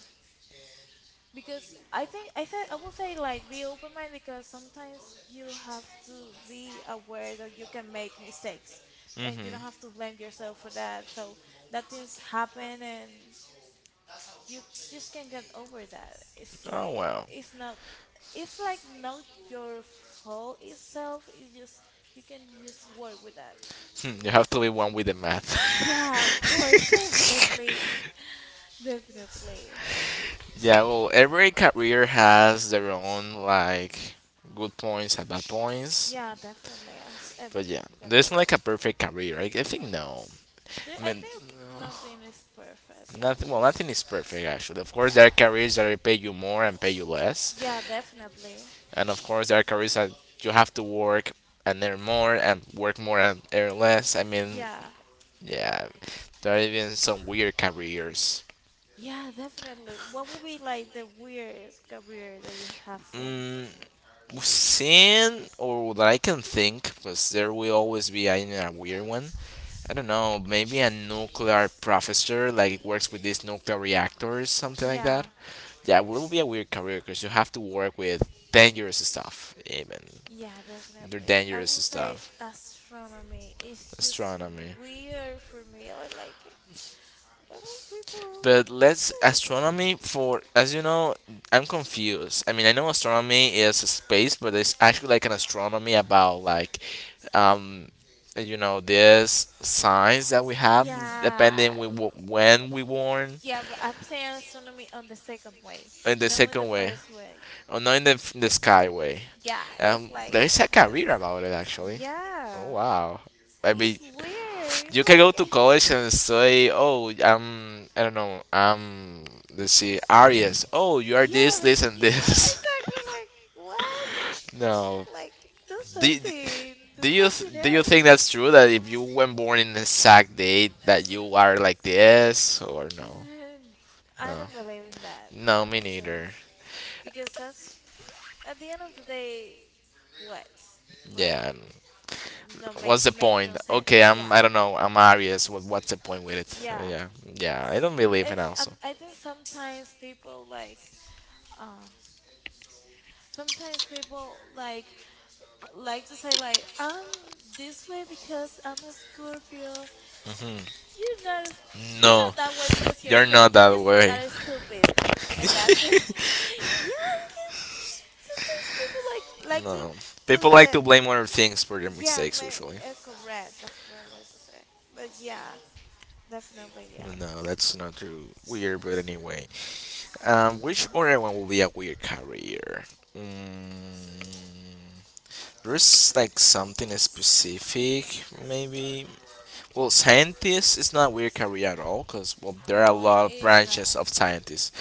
[SPEAKER 2] Because I think I said I will say like be open minded because sometimes you have to be aware that you can make mistakes, and you don't
[SPEAKER 1] hmm
[SPEAKER 2] have to blame yourself for that. So that things happen and you just can get over that. It's
[SPEAKER 1] Oh
[SPEAKER 2] like
[SPEAKER 1] well.
[SPEAKER 2] it's not it's like not your fault itself. It's just you can just work with that.
[SPEAKER 1] Hmm, you have to be one with the math.
[SPEAKER 2] Yeah, of course, definitely. Definitely.
[SPEAKER 1] yeah, well, every career has their own like good points and bad points.
[SPEAKER 2] Yeah, definitely as every
[SPEAKER 1] But yeah, there's not like
[SPEAKER 2] career.
[SPEAKER 1] a perfect career. I think no.
[SPEAKER 2] There,
[SPEAKER 1] I
[SPEAKER 2] I
[SPEAKER 1] mean,
[SPEAKER 2] think nothing is perfect,
[SPEAKER 1] nothing. Well,
[SPEAKER 2] actually.
[SPEAKER 1] nothing is perfect actually. Of course,
[SPEAKER 2] Yeah.
[SPEAKER 1] there are careers that pay you more and pay you less,
[SPEAKER 2] Yeah, definitely.
[SPEAKER 1] and of course, there are careers that you have to work and earn more and work more and earn less. I mean,
[SPEAKER 2] Yeah.
[SPEAKER 1] yeah, there are even some weird careers.
[SPEAKER 2] Yeah, definitely. What would be like the weirdest career that you have seen?
[SPEAKER 1] Mm, seen or that I can think, because there will always be I mean a weird one. I don't know, maybe a nuclear professor like works with these nuclear reactors, something like that.
[SPEAKER 2] Yeah.
[SPEAKER 1] Yeah, it will be a weird career because you have to work with dangerous stuff, even.
[SPEAKER 2] Yeah,
[SPEAKER 1] They're
[SPEAKER 2] definitely. I
[SPEAKER 1] dangerous
[SPEAKER 2] would say
[SPEAKER 1] stuff.
[SPEAKER 2] astronomy is just
[SPEAKER 1] Astronomy.
[SPEAKER 2] weird for me. I like it. What would people
[SPEAKER 1] But let's
[SPEAKER 2] say?
[SPEAKER 1] astronomy for as you know, I'm confused. I mean, I know astronomy is space, but it's actually like an astronomy about um, this signs that we have
[SPEAKER 2] Yeah,
[SPEAKER 1] depending when we born
[SPEAKER 2] yeah, but I'm saying astronomy on the second way,
[SPEAKER 1] in the
[SPEAKER 2] not in the
[SPEAKER 1] second way,
[SPEAKER 2] first way.
[SPEAKER 1] or not in the sky way.
[SPEAKER 2] Yeah, it's like
[SPEAKER 1] There is a
[SPEAKER 2] and this.
[SPEAKER 1] career about it actually. Oh,
[SPEAKER 2] Yeah,
[SPEAKER 1] wow! I mean,
[SPEAKER 2] it's weird. It's
[SPEAKER 1] you can go to
[SPEAKER 2] like,
[SPEAKER 1] college and say, I don't know, let's see, Aries. Oh, you are
[SPEAKER 2] yeah,
[SPEAKER 1] this,
[SPEAKER 2] like,
[SPEAKER 1] this, and
[SPEAKER 2] yeah,
[SPEAKER 1] this.
[SPEAKER 2] exactly. Like, what?
[SPEAKER 1] no.
[SPEAKER 2] Like, do
[SPEAKER 1] Do,
[SPEAKER 2] something, do
[SPEAKER 1] do you
[SPEAKER 2] something
[SPEAKER 1] do you think that's
[SPEAKER 2] else.
[SPEAKER 1] true that if you were born in the exact date that you are like this or no?
[SPEAKER 2] I
[SPEAKER 1] No,
[SPEAKER 2] don't believe in that,
[SPEAKER 1] no, me
[SPEAKER 2] honestly,
[SPEAKER 1] neither.
[SPEAKER 2] because that's at the end of the day, what? Like,
[SPEAKER 1] Yeah.
[SPEAKER 2] no,
[SPEAKER 1] What's
[SPEAKER 2] make
[SPEAKER 1] the
[SPEAKER 2] makes
[SPEAKER 1] point?
[SPEAKER 2] no sense. Yeah,
[SPEAKER 1] I don't know. I'm Aries. What's the point with it? Uh,
[SPEAKER 2] yeah.
[SPEAKER 1] Yeah, yeah. I don't believe in also.
[SPEAKER 2] I think sometimes people like, uh, sometimes people like to say like I'm this way because I'm a Scorpio. You're not s- you're
[SPEAKER 1] No,
[SPEAKER 2] not that way because you're a
[SPEAKER 1] you're not
[SPEAKER 2] Scorpio. You
[SPEAKER 1] that
[SPEAKER 2] just
[SPEAKER 1] way.
[SPEAKER 2] are stupid, and that's it. yeah, because sometimes people like to
[SPEAKER 1] No. People
[SPEAKER 2] put
[SPEAKER 1] like
[SPEAKER 2] that.
[SPEAKER 1] to blame other things for their
[SPEAKER 2] Yeah,
[SPEAKER 1] mistakes usually.
[SPEAKER 2] correct. That's what I'm to say. But yeah, definitely yeah.
[SPEAKER 1] No, that's not too weird, but anyway. Which
[SPEAKER 2] Hmm.
[SPEAKER 1] other one will be a weird career? Mm, there's like something specific, maybe. Well, scientists is not a weird career at all, because, well, there are a
[SPEAKER 2] No, it
[SPEAKER 1] lot of
[SPEAKER 2] is
[SPEAKER 1] branches
[SPEAKER 2] not.
[SPEAKER 1] of scientists.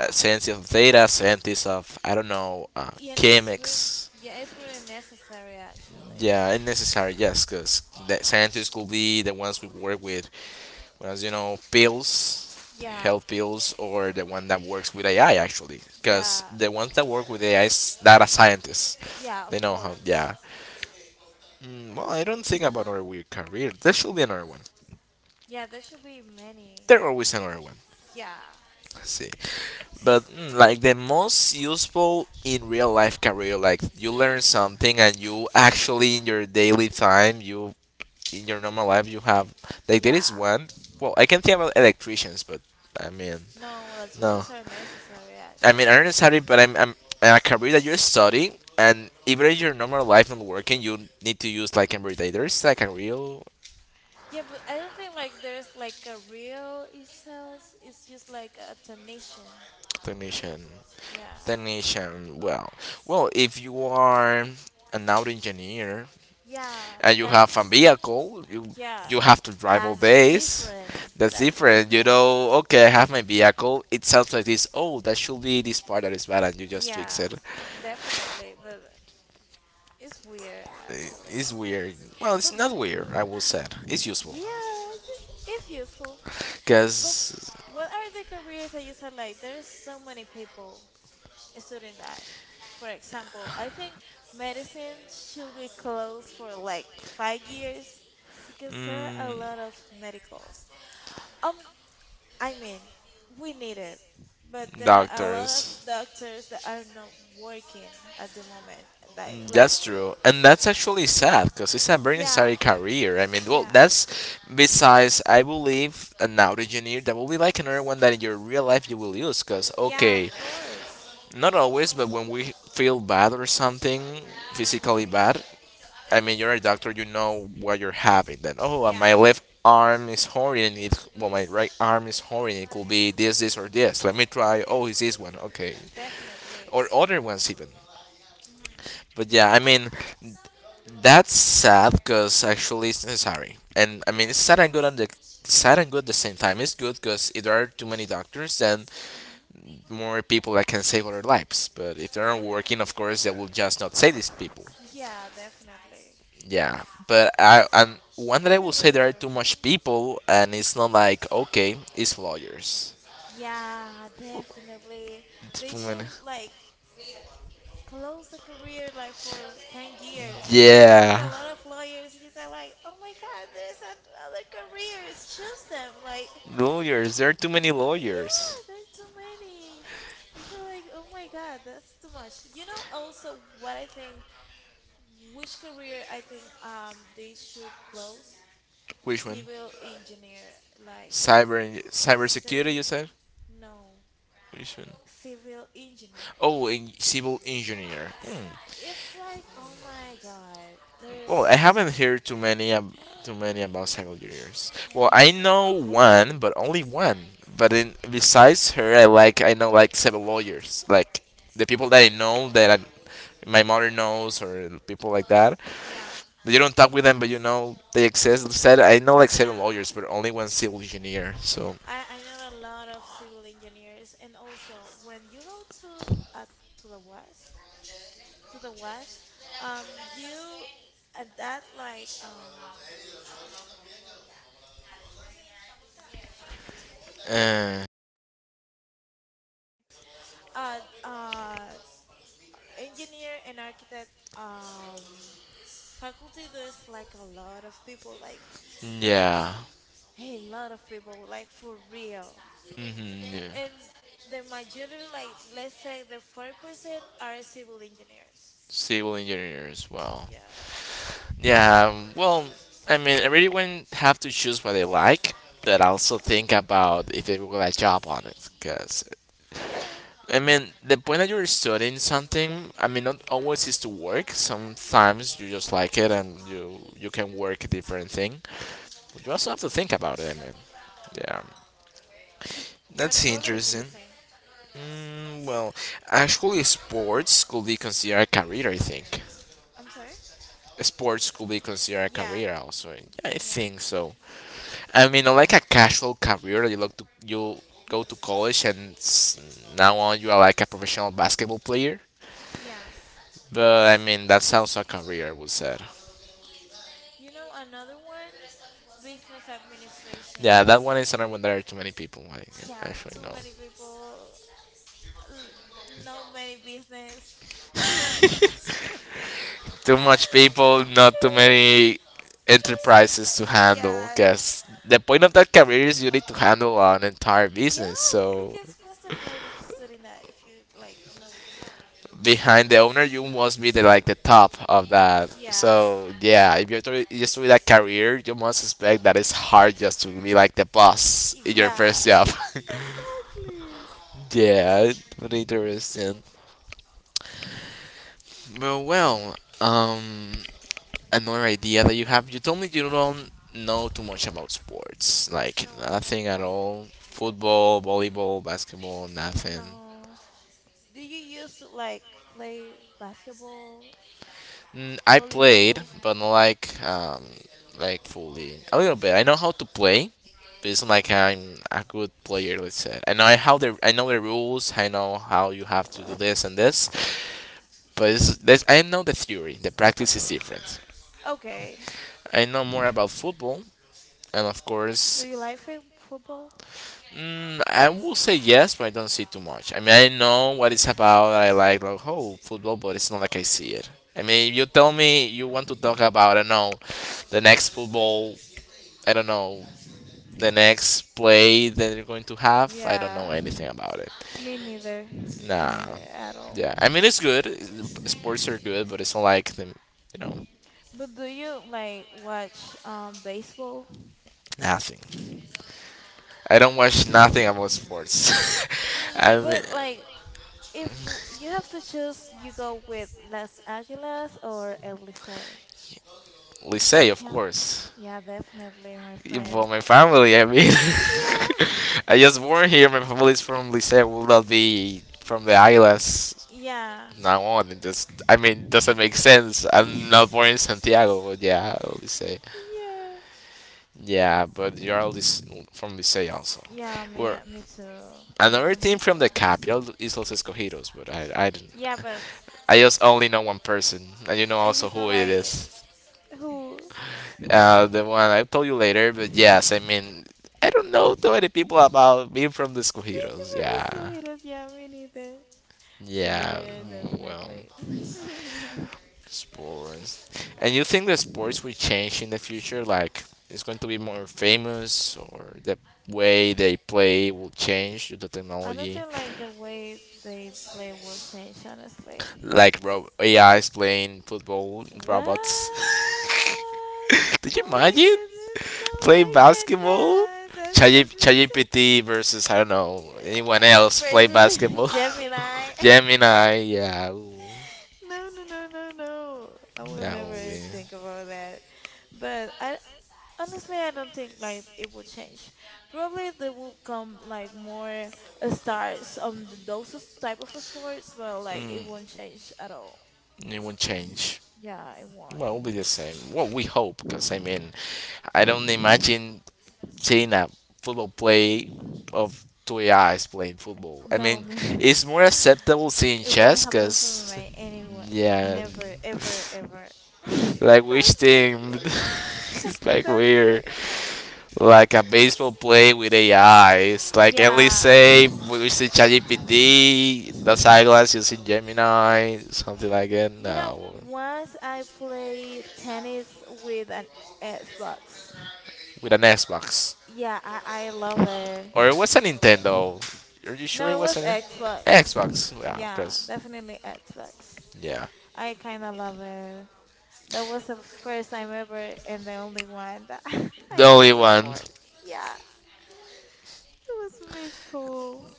[SPEAKER 1] Scientists of data, scientists of, I don't know,
[SPEAKER 2] Yeah, and it's real.
[SPEAKER 1] chemics.
[SPEAKER 2] Yeah, it's really necessary actually.
[SPEAKER 1] Yeah, unnecessary. Yes, because the scientists could be the ones we work with. Whereas, you know, pills,
[SPEAKER 2] Yeah,
[SPEAKER 1] health pills, or the one that works with AI actually, because
[SPEAKER 2] yeah,
[SPEAKER 1] the ones that work with AI is data scientists.
[SPEAKER 2] yeah,
[SPEAKER 1] They
[SPEAKER 2] of
[SPEAKER 1] know how.
[SPEAKER 2] course.
[SPEAKER 1] Yeah. Mm, well, I don't think about another weird career. There should be another one.
[SPEAKER 2] Yeah, there should be many.
[SPEAKER 1] There always another one.
[SPEAKER 2] Yeah,
[SPEAKER 1] Let's see, but mm, like the most useful in real life career, like you learn something and you actually in your daily time, you in your normal life, you have like there
[SPEAKER 2] yeah.
[SPEAKER 1] is one. Well, I can think about electricians, but I mean,
[SPEAKER 2] No, well,
[SPEAKER 1] no.
[SPEAKER 2] tuitions are necessary
[SPEAKER 1] I mean, I
[SPEAKER 2] actually.
[SPEAKER 1] don't study, but I'm a career that you're studying, and even in your normal life not working, you need to use like there is like a real
[SPEAKER 2] Yeah, but I don't think like there's like a real itself. It's just like a donation.
[SPEAKER 1] technician.
[SPEAKER 2] Yeah,
[SPEAKER 1] Technician. Well, if you are an auto engineer
[SPEAKER 2] yeah.
[SPEAKER 1] and you
[SPEAKER 2] That's
[SPEAKER 1] have a vehicle,
[SPEAKER 2] yeah.
[SPEAKER 1] you have to drive all
[SPEAKER 2] That's
[SPEAKER 1] days.
[SPEAKER 2] different.
[SPEAKER 1] That's
[SPEAKER 2] That's
[SPEAKER 1] different, you
[SPEAKER 2] different.
[SPEAKER 1] know. Okay, I have my vehicle. It sounds like this. Oh, that should be this part that is bad, and you just fix
[SPEAKER 2] Yeah,
[SPEAKER 1] it.
[SPEAKER 2] definitely. But it's weird actually.
[SPEAKER 1] It's weird. Well, it's
[SPEAKER 2] But
[SPEAKER 1] not weird. I will say it's useful
[SPEAKER 2] yeah, just it's useful. But
[SPEAKER 1] because
[SPEAKER 2] what are the careers that you said like there's so many people student that, for example, I think medicine should be closed for like 5 years because there are a
[SPEAKER 1] mm,
[SPEAKER 2] lot of medicals. Um, I mean, we need it, but there are a lot of
[SPEAKER 1] doctors.
[SPEAKER 2] doctors that are not working at the moment. Like,
[SPEAKER 1] Mm,
[SPEAKER 2] like,
[SPEAKER 1] that's true. And that's actually sad because it's a very
[SPEAKER 2] yeah,
[SPEAKER 1] necessary career. I mean, well,
[SPEAKER 2] yeah,
[SPEAKER 1] that's besides, I believe, an audio engineer that will be like another one that in your real life you will use because,
[SPEAKER 2] yeah, of
[SPEAKER 1] okay,
[SPEAKER 2] course.
[SPEAKER 1] not always, but when we feel bad or something,
[SPEAKER 2] Hmm.
[SPEAKER 1] physically bad, I mean, you're a doctor, you know what you're having. Then, oh, my
[SPEAKER 2] Yeah,
[SPEAKER 1] left arm is hurting. It, well, my right arm is hurting. It could be this, this, or this. Let me try. Oh, it's this one. Okay.
[SPEAKER 2] definitely.
[SPEAKER 1] Or other ones, even.
[SPEAKER 2] Hmm.
[SPEAKER 1] But yeah, I mean, that's sad because actually it's necessary. And I mean,
[SPEAKER 2] Yeah.
[SPEAKER 1] it's sad and good on the sad and good at the same time. It's good because if there are too many doctors, then
[SPEAKER 2] Hmm.
[SPEAKER 1] more people that can save other lives. But if they
[SPEAKER 2] Yeah.
[SPEAKER 1] aren't working, of course, they will just not save these people.
[SPEAKER 2] Yeah, definitely.
[SPEAKER 1] Yeah,
[SPEAKER 2] It's-
[SPEAKER 1] but I and one
[SPEAKER 2] I
[SPEAKER 1] that I will
[SPEAKER 2] feel
[SPEAKER 1] say
[SPEAKER 2] really
[SPEAKER 1] there are
[SPEAKER 2] sorry
[SPEAKER 1] too
[SPEAKER 2] for
[SPEAKER 1] much people, and it's not like okay, it's lawyers.
[SPEAKER 2] yeah, definitely. They
[SPEAKER 1] Too
[SPEAKER 2] should
[SPEAKER 1] many.
[SPEAKER 2] like close the career like for 10 years because there is a
[SPEAKER 1] Yeah,
[SPEAKER 2] lot of lawyers you say like, "Oh my God, there's another careers. Choose them." Like,
[SPEAKER 1] lawyers. There are too many
[SPEAKER 2] yeah,
[SPEAKER 1] lawyers.
[SPEAKER 2] there are too many. I feel like, "Oh my God, that's too much." You know also what I think, which career I think they should close?
[SPEAKER 1] Which one?
[SPEAKER 2] Civil engineer like
[SPEAKER 1] Cyber cybersecurity, you
[SPEAKER 2] civil
[SPEAKER 1] said.
[SPEAKER 2] no,
[SPEAKER 1] Which one?
[SPEAKER 2] civil engineer.
[SPEAKER 1] Oh, in civil engineer. Hmm.
[SPEAKER 2] It's like, oh my God,
[SPEAKER 1] Well, I
[SPEAKER 2] there's
[SPEAKER 1] haven't heard too many too many about civil engineers. Well,
[SPEAKER 2] me
[SPEAKER 1] I
[SPEAKER 2] too.
[SPEAKER 1] know
[SPEAKER 2] I do.
[SPEAKER 1] one, but only one. But in, besides her, I like I know like civil lawyers, like the people that I know that my mother knows or people like that.
[SPEAKER 2] Yeah.
[SPEAKER 1] You don't talk with them, but you know they exist. Said I know like seven
[SPEAKER 2] Yeah,
[SPEAKER 1] lawyers, but only one civil engineer. So,
[SPEAKER 2] I know a lot of civil engineers, and also when you go to the west, um, you at that like
[SPEAKER 1] uh,
[SPEAKER 2] uh, uh, engineer and architect um faculty, there's like a lot of people, like
[SPEAKER 1] yeah,
[SPEAKER 2] hey, a lot of people, like for real.
[SPEAKER 1] yeah,
[SPEAKER 2] And the majority, like let's say the 40% are civil engineers.
[SPEAKER 1] civil engineer as well.
[SPEAKER 2] Yeah.
[SPEAKER 1] Yeah, well, I mean, everyone have to choose what they like, but also think about if they will get a job on it. Because,
[SPEAKER 2] Yeah.
[SPEAKER 1] I mean, the point that you're studying something, I mean, not always is to work. Sometimes you just like it and you can work a different thing. You also have to think about it, I mean. Yeah,
[SPEAKER 2] What
[SPEAKER 1] that's
[SPEAKER 2] other do you
[SPEAKER 1] interesting.
[SPEAKER 2] think?
[SPEAKER 1] Mm, well, actually, sports could be considered a career, I think.
[SPEAKER 2] I'm sorry?
[SPEAKER 1] Sports could be considered a
[SPEAKER 2] Yeah.
[SPEAKER 1] career also. Yeah, I
[SPEAKER 2] Yeah.
[SPEAKER 1] think so. I mean, no, like a casual career. You look to you go to college and now on you are like a professional basketball player.
[SPEAKER 2] Yeah.
[SPEAKER 1] But I mean, that sounds like a career, I would say.
[SPEAKER 2] You know another one? Business administration.
[SPEAKER 1] Yeah, that one is another one. There are too many people I
[SPEAKER 2] Yeah,
[SPEAKER 1] actually
[SPEAKER 2] too
[SPEAKER 1] know.
[SPEAKER 2] many people, l- no many business to administrate.
[SPEAKER 1] Too much people, not too many enterprises to handle.
[SPEAKER 2] Yeah.
[SPEAKER 1] Because the point of that career is you need to handle an entire
[SPEAKER 2] Yeah,
[SPEAKER 1] business. So
[SPEAKER 2] because what's the point of studying that if you like no?
[SPEAKER 1] behind the owner, you must be the like the top of that.
[SPEAKER 2] Yeah.
[SPEAKER 1] So yeah, if you're doing- just with a career, you must expect that it's hard just to be like the boss in your first
[SPEAKER 2] Yeah.
[SPEAKER 1] job.
[SPEAKER 2] Exactly.
[SPEAKER 1] yeah, but interesting. Well, um, another idea that you have. You told me you don't know too much about sports, like
[SPEAKER 2] No, I don't.
[SPEAKER 1] nothing at all.
[SPEAKER 2] I don't.
[SPEAKER 1] Football, volleyball, basketball, nothing.
[SPEAKER 2] No. Do you used to like play basketball,
[SPEAKER 1] Mm, I played,
[SPEAKER 2] volleyball?
[SPEAKER 1] but not like like fully. A little bit. I know how to play, but it's not like I'm a good player. Let's say I know how the I know the rules. I know how you have to do this and this. But it's, this, I know the theory. The practice is different.
[SPEAKER 2] Okay.
[SPEAKER 1] I know more about football, and of
[SPEAKER 2] Do you
[SPEAKER 1] course,
[SPEAKER 2] like fi football?
[SPEAKER 1] mm, I will say yes, but I don't see too much. I mean, I know what it's about. I like oh football, but it's not like I see it. I mean, you tell me you want to talk about, I don't know, the next football, I don't know, the next play that they're going to have. I don't
[SPEAKER 2] Yeah.
[SPEAKER 1] know anything about it.
[SPEAKER 2] Me neither. Me neither
[SPEAKER 1] Nah,
[SPEAKER 2] at all.
[SPEAKER 1] yeah. I mean, it's good. Sports are good, but it's not like the you know
[SPEAKER 2] But do you like watch baseball?
[SPEAKER 1] nothing. I don't watch nothing about sports. I mean,
[SPEAKER 2] But like if you have to choose, you go with Las Águilas or El Licey?
[SPEAKER 1] Licey, of
[SPEAKER 2] Yeah,
[SPEAKER 1] course.
[SPEAKER 2] yeah, definitely, my
[SPEAKER 1] But
[SPEAKER 2] friend.
[SPEAKER 1] my family, I mean,
[SPEAKER 2] Yeah.
[SPEAKER 1] I just born here. My family is from Licey. Will not be from the islands
[SPEAKER 2] Yeah.
[SPEAKER 1] now on. It just, I mean, doesn't make sense. I'm not born in Santiago, but yeah, Licey.
[SPEAKER 2] Yeah.
[SPEAKER 1] Yeah, but you are from Licey also.
[SPEAKER 2] Yeah, me,
[SPEAKER 1] Where
[SPEAKER 2] me too. My
[SPEAKER 1] another
[SPEAKER 2] family
[SPEAKER 1] team from the
[SPEAKER 2] too.
[SPEAKER 1] capital is Los Escogidos, but I don't.
[SPEAKER 2] Yeah, but
[SPEAKER 1] I just only know one person, and you know
[SPEAKER 2] I
[SPEAKER 1] also
[SPEAKER 2] just know
[SPEAKER 1] who it
[SPEAKER 2] like
[SPEAKER 1] is.
[SPEAKER 2] who.
[SPEAKER 1] The one I'll tell you later. But yes, I mean, I don't know too many people about being from the
[SPEAKER 2] Thank you
[SPEAKER 1] Escogidos.
[SPEAKER 2] for this, go
[SPEAKER 1] Yeah,
[SPEAKER 2] haters. Yeah, me neither. Me
[SPEAKER 1] yeah.
[SPEAKER 2] neither,
[SPEAKER 1] Well,
[SPEAKER 2] definitely.
[SPEAKER 1] sports. And you think the sports will change in the future? Like it's going to be more famous, or the way they play will change due to
[SPEAKER 2] I don't
[SPEAKER 1] technology?
[SPEAKER 2] think like the way they play will change, honestly.
[SPEAKER 1] Like A is playing football robots.
[SPEAKER 2] What?
[SPEAKER 1] Did you
[SPEAKER 2] Oh my
[SPEAKER 1] imagine
[SPEAKER 2] goodness,
[SPEAKER 1] playing
[SPEAKER 2] no, I
[SPEAKER 1] basketball?
[SPEAKER 2] cannot. That's just insane.
[SPEAKER 1] ChatGPT versus, I don't know, anyone else play
[SPEAKER 2] Versus
[SPEAKER 1] basketball.
[SPEAKER 2] Gemini.
[SPEAKER 1] Gemini, yeah, ooh,
[SPEAKER 2] No, no, no, no, no. I will
[SPEAKER 1] that will
[SPEAKER 2] never
[SPEAKER 1] be.
[SPEAKER 2] think about that. But I Honestly, I don't think like it will change. Probably there will come like more stars on the, type of sports, but like
[SPEAKER 1] Mm,
[SPEAKER 2] it won't change at all.
[SPEAKER 1] it won't change.
[SPEAKER 2] Yeah, it won't.
[SPEAKER 1] Well, it'll be the same. Well, we hope, because I mean, I don't imagine seeing a football play of two AIs playing football. I
[SPEAKER 2] No,
[SPEAKER 1] mean,
[SPEAKER 2] me.
[SPEAKER 1] it's more acceptable seeing
[SPEAKER 2] It won't
[SPEAKER 1] chess,
[SPEAKER 2] happen for
[SPEAKER 1] because
[SPEAKER 2] me anyway.
[SPEAKER 1] yeah,
[SPEAKER 2] Never, ever, ever.
[SPEAKER 1] like which
[SPEAKER 2] That's
[SPEAKER 1] team?
[SPEAKER 2] crazy.
[SPEAKER 1] it's like
[SPEAKER 2] That's
[SPEAKER 1] weird.
[SPEAKER 2] crazy.
[SPEAKER 1] Like a baseball play with AI. It's like at least
[SPEAKER 2] Yeah.
[SPEAKER 1] say we using ChatGPT, the eyeglass using Gemini, something like that.
[SPEAKER 2] You know,
[SPEAKER 1] No,
[SPEAKER 2] once I played tennis with an Xbox.
[SPEAKER 1] with an Xbox
[SPEAKER 2] Yeah, I love it.
[SPEAKER 1] or it was a Nintendo. Are you sure
[SPEAKER 2] No,
[SPEAKER 1] it
[SPEAKER 2] it
[SPEAKER 1] was
[SPEAKER 2] was
[SPEAKER 1] an
[SPEAKER 2] Xbox.
[SPEAKER 1] Xbox? Wow,
[SPEAKER 2] Yeah,
[SPEAKER 1] because
[SPEAKER 2] definitely Xbox.
[SPEAKER 1] yeah,
[SPEAKER 2] I kind of love it. That was the first time ever and the only one that
[SPEAKER 1] the
[SPEAKER 2] I
[SPEAKER 1] only
[SPEAKER 2] play
[SPEAKER 1] one.
[SPEAKER 2] sports. Yeah, it was really cool.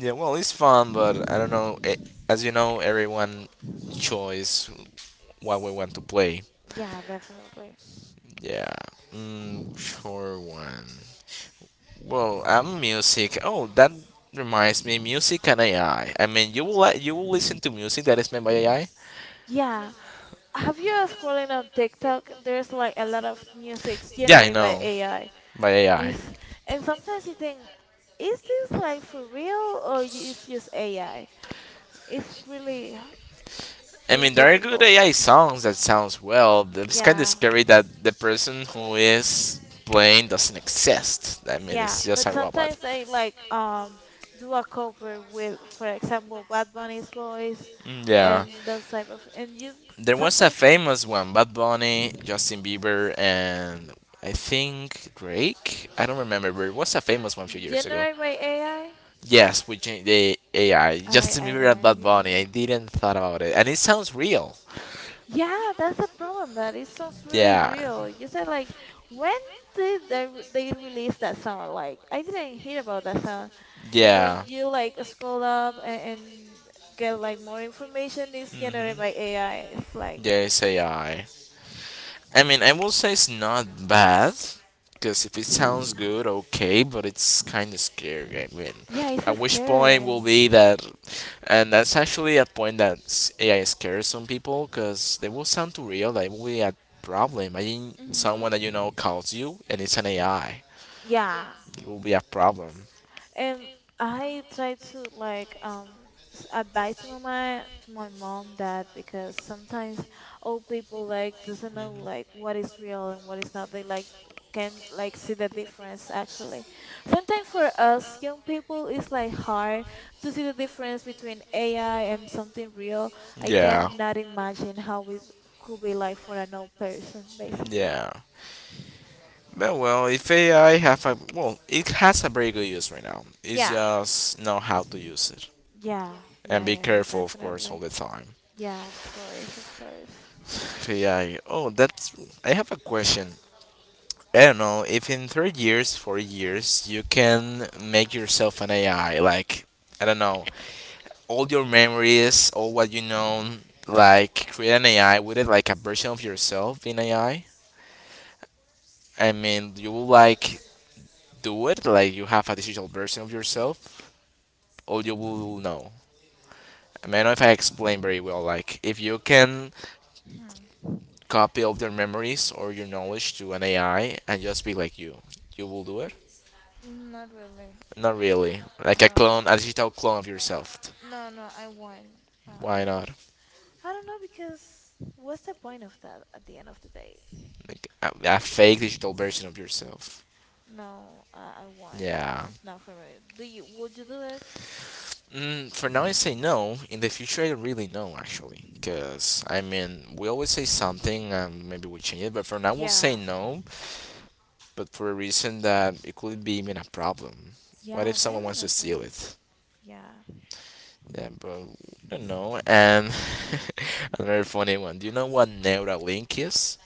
[SPEAKER 1] Yeah, well, it's fun, but I don't know. Eh, As you know, everyone choice what we want to play.
[SPEAKER 2] Yeah, definitely.
[SPEAKER 1] Yeah. Mm, sure one. Well, I'm music. Oh, that reminds me, music and AI. I mean, you will you will listen to music that is made by AI.
[SPEAKER 2] Yeah. Have you scrolling on TikTok? There's like a lot of music
[SPEAKER 1] Yeah, I
[SPEAKER 2] generated by
[SPEAKER 1] know
[SPEAKER 2] AI.
[SPEAKER 1] by AI.
[SPEAKER 2] If and Sometimes you think, is this like for real or it's just AI? It's really
[SPEAKER 1] I
[SPEAKER 2] really
[SPEAKER 1] mean, there are good
[SPEAKER 2] difficult.
[SPEAKER 1] AI songs that sounds well. But it's kind of
[SPEAKER 2] Yeah,
[SPEAKER 1] scary that the person who is playing doesn't exist. I mean,
[SPEAKER 2] yeah.
[SPEAKER 1] it's just
[SPEAKER 2] But
[SPEAKER 1] a robot.
[SPEAKER 2] sometimes I like do a cover with, for example, Bad Bunny's voice
[SPEAKER 1] Mm, yeah.
[SPEAKER 2] and those type of and you
[SPEAKER 1] There was a
[SPEAKER 2] sometimes
[SPEAKER 1] famous one: Bad Bunny, Justin Bieber, and I think Drake. I don't remember, but it was a famous one a few years ago.
[SPEAKER 2] generate by AI.
[SPEAKER 1] Yes, we changed the AI just
[SPEAKER 2] I I
[SPEAKER 1] similar
[SPEAKER 2] I
[SPEAKER 1] to mirror
[SPEAKER 2] didn't
[SPEAKER 1] Bad Bunny. I
[SPEAKER 2] hear.
[SPEAKER 1] didn't thought about it, and it sounds real.
[SPEAKER 2] Yeah, that's the problem. That it sounds really
[SPEAKER 1] Yeah,
[SPEAKER 2] real. You said like, when did they they release that song? Like, I didn't hear about that song. And when
[SPEAKER 1] yeah,
[SPEAKER 2] you like scroll up and get like more information, it's
[SPEAKER 1] hmm
[SPEAKER 2] generated by AI. It's like,
[SPEAKER 1] yeah. It's AI. I mean, I will say it's not bad, because if it sounds good, okay. But it's kind of scary. I mean,
[SPEAKER 2] yeah,
[SPEAKER 1] at
[SPEAKER 2] it's
[SPEAKER 1] which point
[SPEAKER 2] scary.
[SPEAKER 1] will be that, and that's actually a point that AI scares some people, because they will sound too real. That will be a problem. Imagine someone that
[SPEAKER 2] Mm-hmm.
[SPEAKER 1] you know calls you, and it's an AI.
[SPEAKER 2] Yeah.
[SPEAKER 1] It will be a problem.
[SPEAKER 2] And I try to like advise to my mom that because sometimes old people like doesn't know like what is real and what is not. They like can like see the difference actually. Sometimes for us young people it's like hard to see the difference between AI and something real. I
[SPEAKER 1] Yeah.
[SPEAKER 2] cannot imagine how it could be like for an old person basically.
[SPEAKER 1] Yeah. But well, if AI have a well, it has a very good use right now. It's
[SPEAKER 2] Yeah.
[SPEAKER 1] just know how to use it
[SPEAKER 2] Yeah. Yeah,
[SPEAKER 1] and be
[SPEAKER 2] yeah, yeah,
[SPEAKER 1] careful, of course, all
[SPEAKER 2] definitely.
[SPEAKER 1] the time.
[SPEAKER 2] Yeah, of course, of course.
[SPEAKER 1] AI. Oh, that's. I have a question. I don't know if in 3 years, 4 years, you can make yourself an AI. Like I don't know, all your memories, all what you know, like create an AI with it, like a version of yourself in AI. I mean, you will like do it, like you have a digital version of yourself, or you will know. I mean, I don't know if I explain very well. Like, if you can copy all your memories or your knowledge to an AI and just be like you will do it.
[SPEAKER 2] Hmm, not really.
[SPEAKER 1] Not really. Like a
[SPEAKER 2] No,
[SPEAKER 1] clone, a digital clone of yourself.
[SPEAKER 2] no, no. I won. Uh,
[SPEAKER 1] Why
[SPEAKER 2] uh,
[SPEAKER 1] not?
[SPEAKER 2] I don't know because what's the point of that at the end of the day?
[SPEAKER 1] Like a fake digital version of yourself.
[SPEAKER 2] No, I won.
[SPEAKER 1] Yeah.
[SPEAKER 2] It's not for me. Do you? Would you do it?
[SPEAKER 1] For now, I say no. In the future, I don't really know actually, because I mean, we always say something, and maybe we change it. But for now, we'll say
[SPEAKER 2] Yeah,
[SPEAKER 1] no. But for a reason that it could be even a problem. What
[SPEAKER 2] yeah,
[SPEAKER 1] if someone wants to steal
[SPEAKER 2] definitely.
[SPEAKER 1] it?
[SPEAKER 2] Yeah,
[SPEAKER 1] Yeah, but we don't know. And another funny one. Do you know what Neuralink is?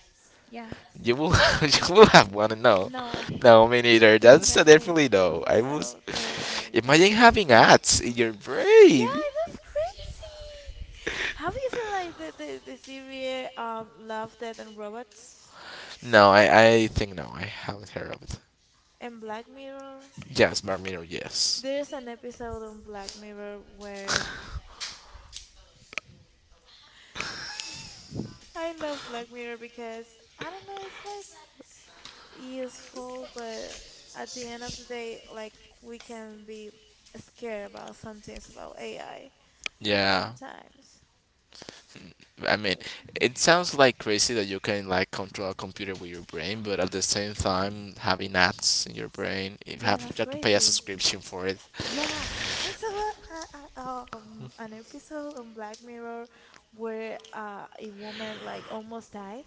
[SPEAKER 2] yeah.
[SPEAKER 1] You will, you will have one. No,
[SPEAKER 2] No,
[SPEAKER 1] no, me neither. That's a
[SPEAKER 2] definitely,
[SPEAKER 1] definitely no.
[SPEAKER 2] definitely
[SPEAKER 1] I was.
[SPEAKER 2] no, definitely no.
[SPEAKER 1] Imagine having ads in your
[SPEAKER 2] Yeah,
[SPEAKER 1] brain.
[SPEAKER 2] that's crazy. Have you seen like the series Love, Death and Robots
[SPEAKER 1] No, I think no, I haven't heard of it.
[SPEAKER 2] and Black Mirror?
[SPEAKER 1] Yes, Black Mirror. Yes.
[SPEAKER 2] There's an episode on Black Mirror where I love Black Mirror because I don't know, it's like useful, but at the end of the day, like we can be scared about some things about AI
[SPEAKER 1] Yeah.
[SPEAKER 2] sometimes.
[SPEAKER 1] I mean, it sounds like crazy that you can like control a computer with your brain, but at the same time having apps in your brain, you
[SPEAKER 2] Yeah,
[SPEAKER 1] have, you
[SPEAKER 2] that's
[SPEAKER 1] have to pay a
[SPEAKER 2] crazy.
[SPEAKER 1] subscription for it.
[SPEAKER 2] Yeah, I saw an episode on Black Mirror where a woman like almost died,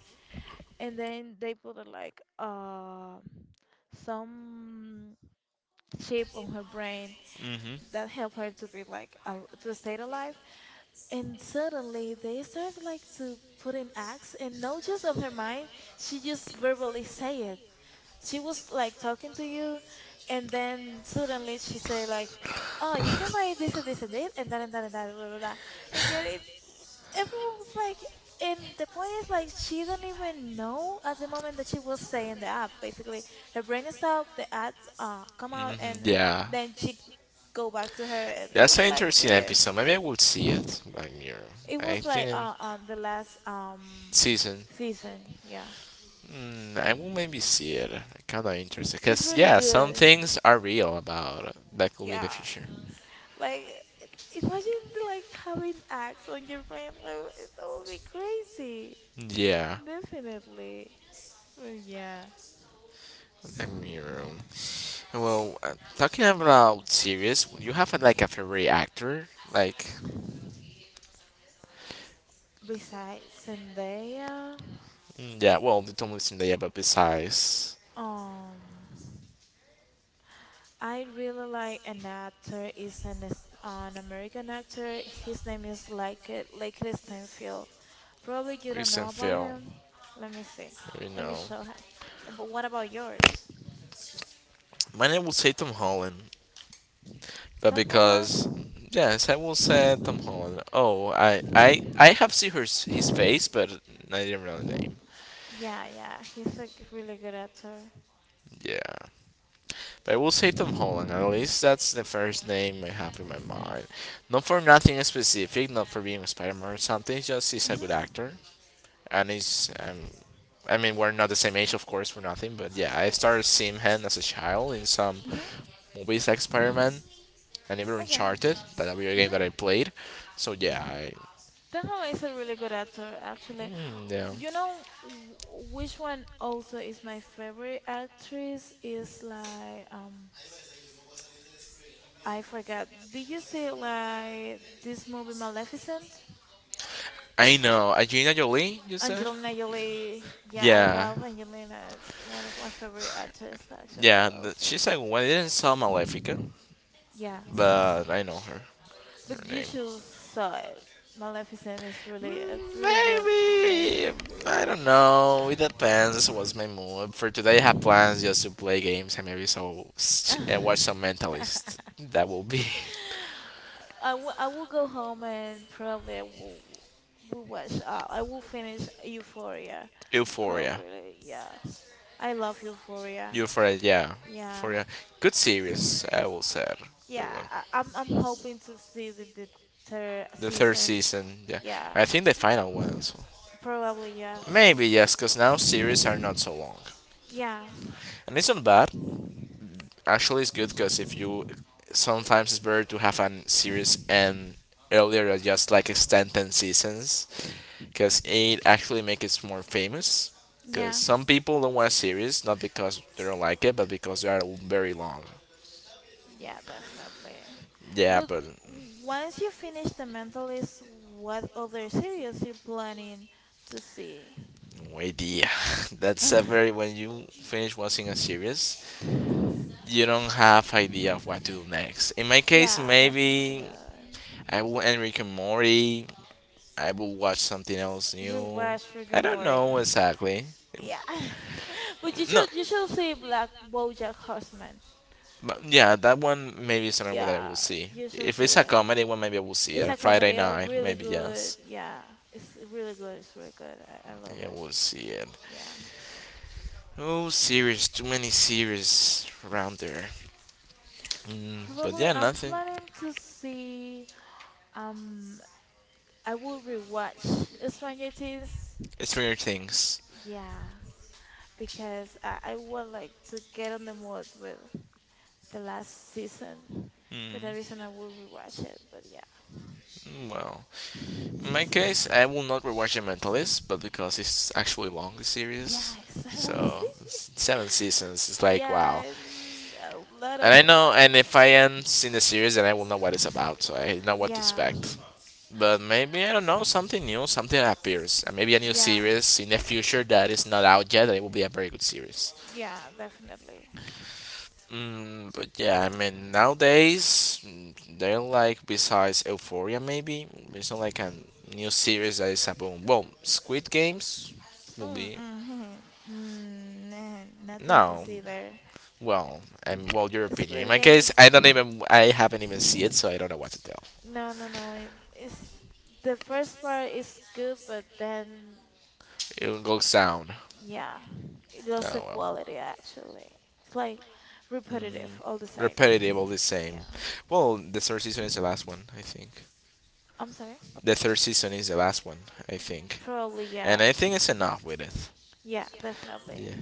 [SPEAKER 2] and then they put some chip on her brain
[SPEAKER 1] Mhm.
[SPEAKER 2] that helped her to be like al to stay alive. And suddenly they started like to put in acts, and not just on her mind, she just verbally say it. She was like talking to you, and then suddenly she say like, "Oh, you can buy this and this and this and that and that and that blah blah blah," and yet everyone was like. And the point is like she don't even know at the moment that she was saying the app. Basically, her brain is out. The ads come out,
[SPEAKER 1] Mhm.
[SPEAKER 2] and
[SPEAKER 1] Yeah.
[SPEAKER 2] then she go back to her and it
[SPEAKER 1] That's
[SPEAKER 2] was
[SPEAKER 1] an
[SPEAKER 2] like
[SPEAKER 1] interesting
[SPEAKER 2] weird.
[SPEAKER 1] episode. Maybe I will see it, Black Mirror.
[SPEAKER 2] It
[SPEAKER 1] I
[SPEAKER 2] was like
[SPEAKER 1] think
[SPEAKER 2] on the last
[SPEAKER 1] season.
[SPEAKER 2] season. Yeah,
[SPEAKER 1] I will maybe see it. I'm kind of interested
[SPEAKER 2] it's
[SPEAKER 1] because
[SPEAKER 2] really
[SPEAKER 1] yeah, some
[SPEAKER 2] good.
[SPEAKER 1] things are real about that could be the
[SPEAKER 2] Yeah,
[SPEAKER 1] future.
[SPEAKER 2] like imagine like having acts on your brain like, it that would be crazy
[SPEAKER 1] Yeah.
[SPEAKER 2] definitely. But yeah,
[SPEAKER 1] Ramiro. Well, talking about series, you have like a favorite actor? Like,
[SPEAKER 2] besides Zendaya,
[SPEAKER 1] yeah, well, the Tom Wilson, yeah, but besides
[SPEAKER 2] um I really like an actor is an American actor, his name is like Lake Stanfield. Probably you don't
[SPEAKER 1] Christian
[SPEAKER 2] know about
[SPEAKER 1] Phil,
[SPEAKER 2] him. Let me see.
[SPEAKER 1] you
[SPEAKER 2] Let me
[SPEAKER 1] know.
[SPEAKER 2] show him. Oh, but what about yours?
[SPEAKER 1] My name will say Tom Holland, but
[SPEAKER 2] Tom
[SPEAKER 1] because,
[SPEAKER 2] Holland?
[SPEAKER 1] yes, I will say Tom Holland. Oh, I have seen his face, but I didn't know the name.
[SPEAKER 2] Yeah, yeah, he's a really good actor.
[SPEAKER 1] Yeah. But I will say Tom Holland, at least that's the first name I have in my mind. Not for nothing specific, not for being a Spider Man or something, just he's a
[SPEAKER 2] Mhm.
[SPEAKER 1] good actor. And it's I mean we're not the same age of course for nothing, but yeah, I started seeing him as a child in some
[SPEAKER 2] Mhm.
[SPEAKER 1] movies like Spider-Man and even
[SPEAKER 2] Okay.
[SPEAKER 1] Uncharted, that video game
[SPEAKER 2] Mhm.
[SPEAKER 1] that I played. So yeah, I
[SPEAKER 2] Tom Holland is a really good actor, actually.
[SPEAKER 1] yeah
[SPEAKER 2] You know which one also is my favorite actress is like I forgot. Did you see like this movie Maleficent?
[SPEAKER 1] I know Angelina Jolie. You said
[SPEAKER 2] Angelina Jolie. Yeah, I
[SPEAKER 1] yeah,
[SPEAKER 2] love Angelina. It's one of my favorite actors, actually,
[SPEAKER 1] yeah,
[SPEAKER 2] also.
[SPEAKER 1] she's like when I didn't saw Malefica,
[SPEAKER 2] Yeah,
[SPEAKER 1] but I know her
[SPEAKER 2] but
[SPEAKER 1] her
[SPEAKER 2] you
[SPEAKER 1] name.
[SPEAKER 2] should saw it. Maleficent is really a really good maybe.
[SPEAKER 1] Maybe I don't know. It depends. What's my mood for today? I have plans just to play games and maybe so watch some Mentalist. That will be
[SPEAKER 2] I will go home and probably I will watch. I will finish Euphoria,
[SPEAKER 1] Euphoria.
[SPEAKER 2] probably. Yeah, I love Euphoria.
[SPEAKER 1] Euphoria, yeah,
[SPEAKER 2] Yeah,
[SPEAKER 1] Euphoria. Good series, I will say. Good
[SPEAKER 2] yeah.
[SPEAKER 1] one.
[SPEAKER 2] I'm hoping to see the third
[SPEAKER 1] The third
[SPEAKER 2] season.
[SPEAKER 1] season, yeah.
[SPEAKER 2] Yeah,
[SPEAKER 1] I think the final one as well.
[SPEAKER 2] probably. Yeah.
[SPEAKER 1] Maybe yes, 'cause now series are not so long,
[SPEAKER 2] Yeah,
[SPEAKER 1] and it's not bad. Actually it's good because if you sometimes it's better to have a series and earlier than just like extend 10 seasons, because it actually makes it more famous, because
[SPEAKER 2] yeah,
[SPEAKER 1] some people don't want a series, not because they don't like it but because they are very long.
[SPEAKER 2] yeah, definitely.
[SPEAKER 1] Yeah,
[SPEAKER 2] But
[SPEAKER 1] but
[SPEAKER 2] once you finish the Mentalist, what other series you planning to see?
[SPEAKER 1] no idea. that's a very when you finish watching a series, you don't have idea of what to do next, in my case.
[SPEAKER 2] Yeah, definitely.
[SPEAKER 1] Maybe I will end Rick and Morty. I will watch something else new.
[SPEAKER 2] Rewatch Rick
[SPEAKER 1] I
[SPEAKER 2] and
[SPEAKER 1] don't
[SPEAKER 2] Morty.
[SPEAKER 1] know exactly.
[SPEAKER 2] Yeah, but
[SPEAKER 1] No,
[SPEAKER 2] you should see Black BoJack Horseman.
[SPEAKER 1] but yeah, that one maybe is another one that I will
[SPEAKER 2] Yeah,
[SPEAKER 1] see.
[SPEAKER 2] you should
[SPEAKER 1] If
[SPEAKER 2] see
[SPEAKER 1] it's a
[SPEAKER 2] it.
[SPEAKER 1] comedy one, maybe I will see it.
[SPEAKER 2] It's
[SPEAKER 1] A
[SPEAKER 2] a
[SPEAKER 1] Friday
[SPEAKER 2] comedy,
[SPEAKER 1] night,
[SPEAKER 2] really
[SPEAKER 1] maybe
[SPEAKER 2] good.
[SPEAKER 1] yes.
[SPEAKER 2] Yeah, it's really good. It's really good. I love
[SPEAKER 1] Yeah,
[SPEAKER 2] it.
[SPEAKER 1] we'll see it.
[SPEAKER 2] Yeah.
[SPEAKER 1] Oh, series, too many series around there. But
[SPEAKER 2] Probably
[SPEAKER 1] yeah,
[SPEAKER 2] I'm
[SPEAKER 1] nothing.
[SPEAKER 2] planning to see um I will rewatch Stranger Things.
[SPEAKER 1] It's weird things.
[SPEAKER 2] Yeah, because I would like to get on the mood with the last season. For
[SPEAKER 1] Mm,
[SPEAKER 2] that reason, I will rewatch it. But yeah,
[SPEAKER 1] well, in my case, I will not rewatch The Mentalist, but because it's actually long, the series.
[SPEAKER 2] yeah, it's a long season.
[SPEAKER 1] So, 7 seasons, it's like, wow.
[SPEAKER 2] Yeah, and a lot
[SPEAKER 1] And I
[SPEAKER 2] of
[SPEAKER 1] know, and if I am in the series, then I will know what it's about, so I know what to
[SPEAKER 2] yeah,
[SPEAKER 1] expect. But maybe I don't know something new, something that appears, and maybe a new
[SPEAKER 2] yeah,
[SPEAKER 1] series in the future that is not out yet. And it will be a very good series.
[SPEAKER 2] yeah, definitely.
[SPEAKER 1] But yeah, I mean nowadays, they're like besides Euphoria, maybe there's not like a new series that is a boom. Well, Squid Games will
[SPEAKER 2] Mm,
[SPEAKER 1] be
[SPEAKER 2] mm, mm, nah, nothing to
[SPEAKER 1] no.
[SPEAKER 2] see there.
[SPEAKER 1] Well, and well, your opinion. In
[SPEAKER 2] Squid
[SPEAKER 1] my case,
[SPEAKER 2] Games.
[SPEAKER 1] I haven't even seen it, so I don't know what to tell.
[SPEAKER 2] No, no, no. It, it's The first part is good, but then
[SPEAKER 1] It goes down.
[SPEAKER 2] yeah, it lost the
[SPEAKER 1] Oh well,
[SPEAKER 2] quality actually. It's like repetitive all the same.
[SPEAKER 1] repetitive all the same.
[SPEAKER 2] Yeah,
[SPEAKER 1] Well, the third season is the last one, I think.
[SPEAKER 2] I'm sorry.
[SPEAKER 1] The third season is the last one, I think,
[SPEAKER 2] Probably,
[SPEAKER 1] and
[SPEAKER 2] yeah.
[SPEAKER 1] I think it's enough with it.
[SPEAKER 2] Yeah, definitely.
[SPEAKER 1] Yeah,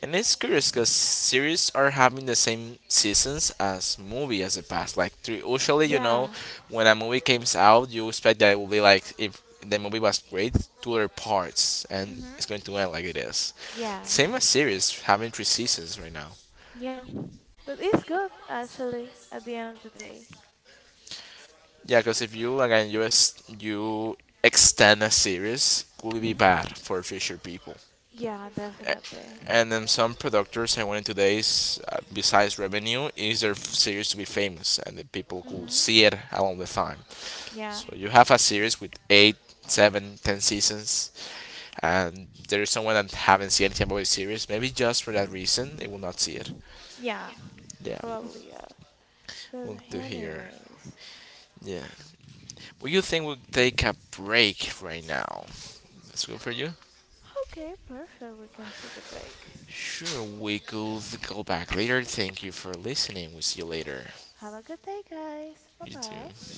[SPEAKER 1] and it's curious because series are having the same seasons as movie as the past. Like three, usually,
[SPEAKER 2] Yeah.
[SPEAKER 1] when a movie comes out, you expect that it will be like if the movie was great, two other parts, and it's
[SPEAKER 2] Mhm.
[SPEAKER 1] going to end like it is.
[SPEAKER 2] Yeah.
[SPEAKER 1] Same as series having 3 seasons right now.
[SPEAKER 2] Yeah. But it's good actually at the end of the day.
[SPEAKER 1] Yeah, because if you again you extend a series, will be
[SPEAKER 2] Mhm.
[SPEAKER 1] bad for future people.
[SPEAKER 2] Yeah, definitely.
[SPEAKER 1] And then some producers I went today's besides revenue is their series to be famous and the people could
[SPEAKER 2] Mhm.
[SPEAKER 1] see it along the time.
[SPEAKER 2] Yeah.
[SPEAKER 1] So you have a series with 8, 7, 10 seasons, and there is someone that haven't seen anything about the series. Maybe just for that reason, they will not see it.
[SPEAKER 2] Yeah,
[SPEAKER 1] Yeah,
[SPEAKER 2] probably, yeah. But
[SPEAKER 1] look to here.
[SPEAKER 2] anyways.
[SPEAKER 1] Yeah, what you think we'll take a break right now? That's good for you.
[SPEAKER 2] Okay, perfect. We can take a break.
[SPEAKER 1] Sure, we could go back later. Thank you for listening. We'll see you later.
[SPEAKER 2] Have a good day, guys.
[SPEAKER 1] You
[SPEAKER 2] Bye-bye.
[SPEAKER 1] too.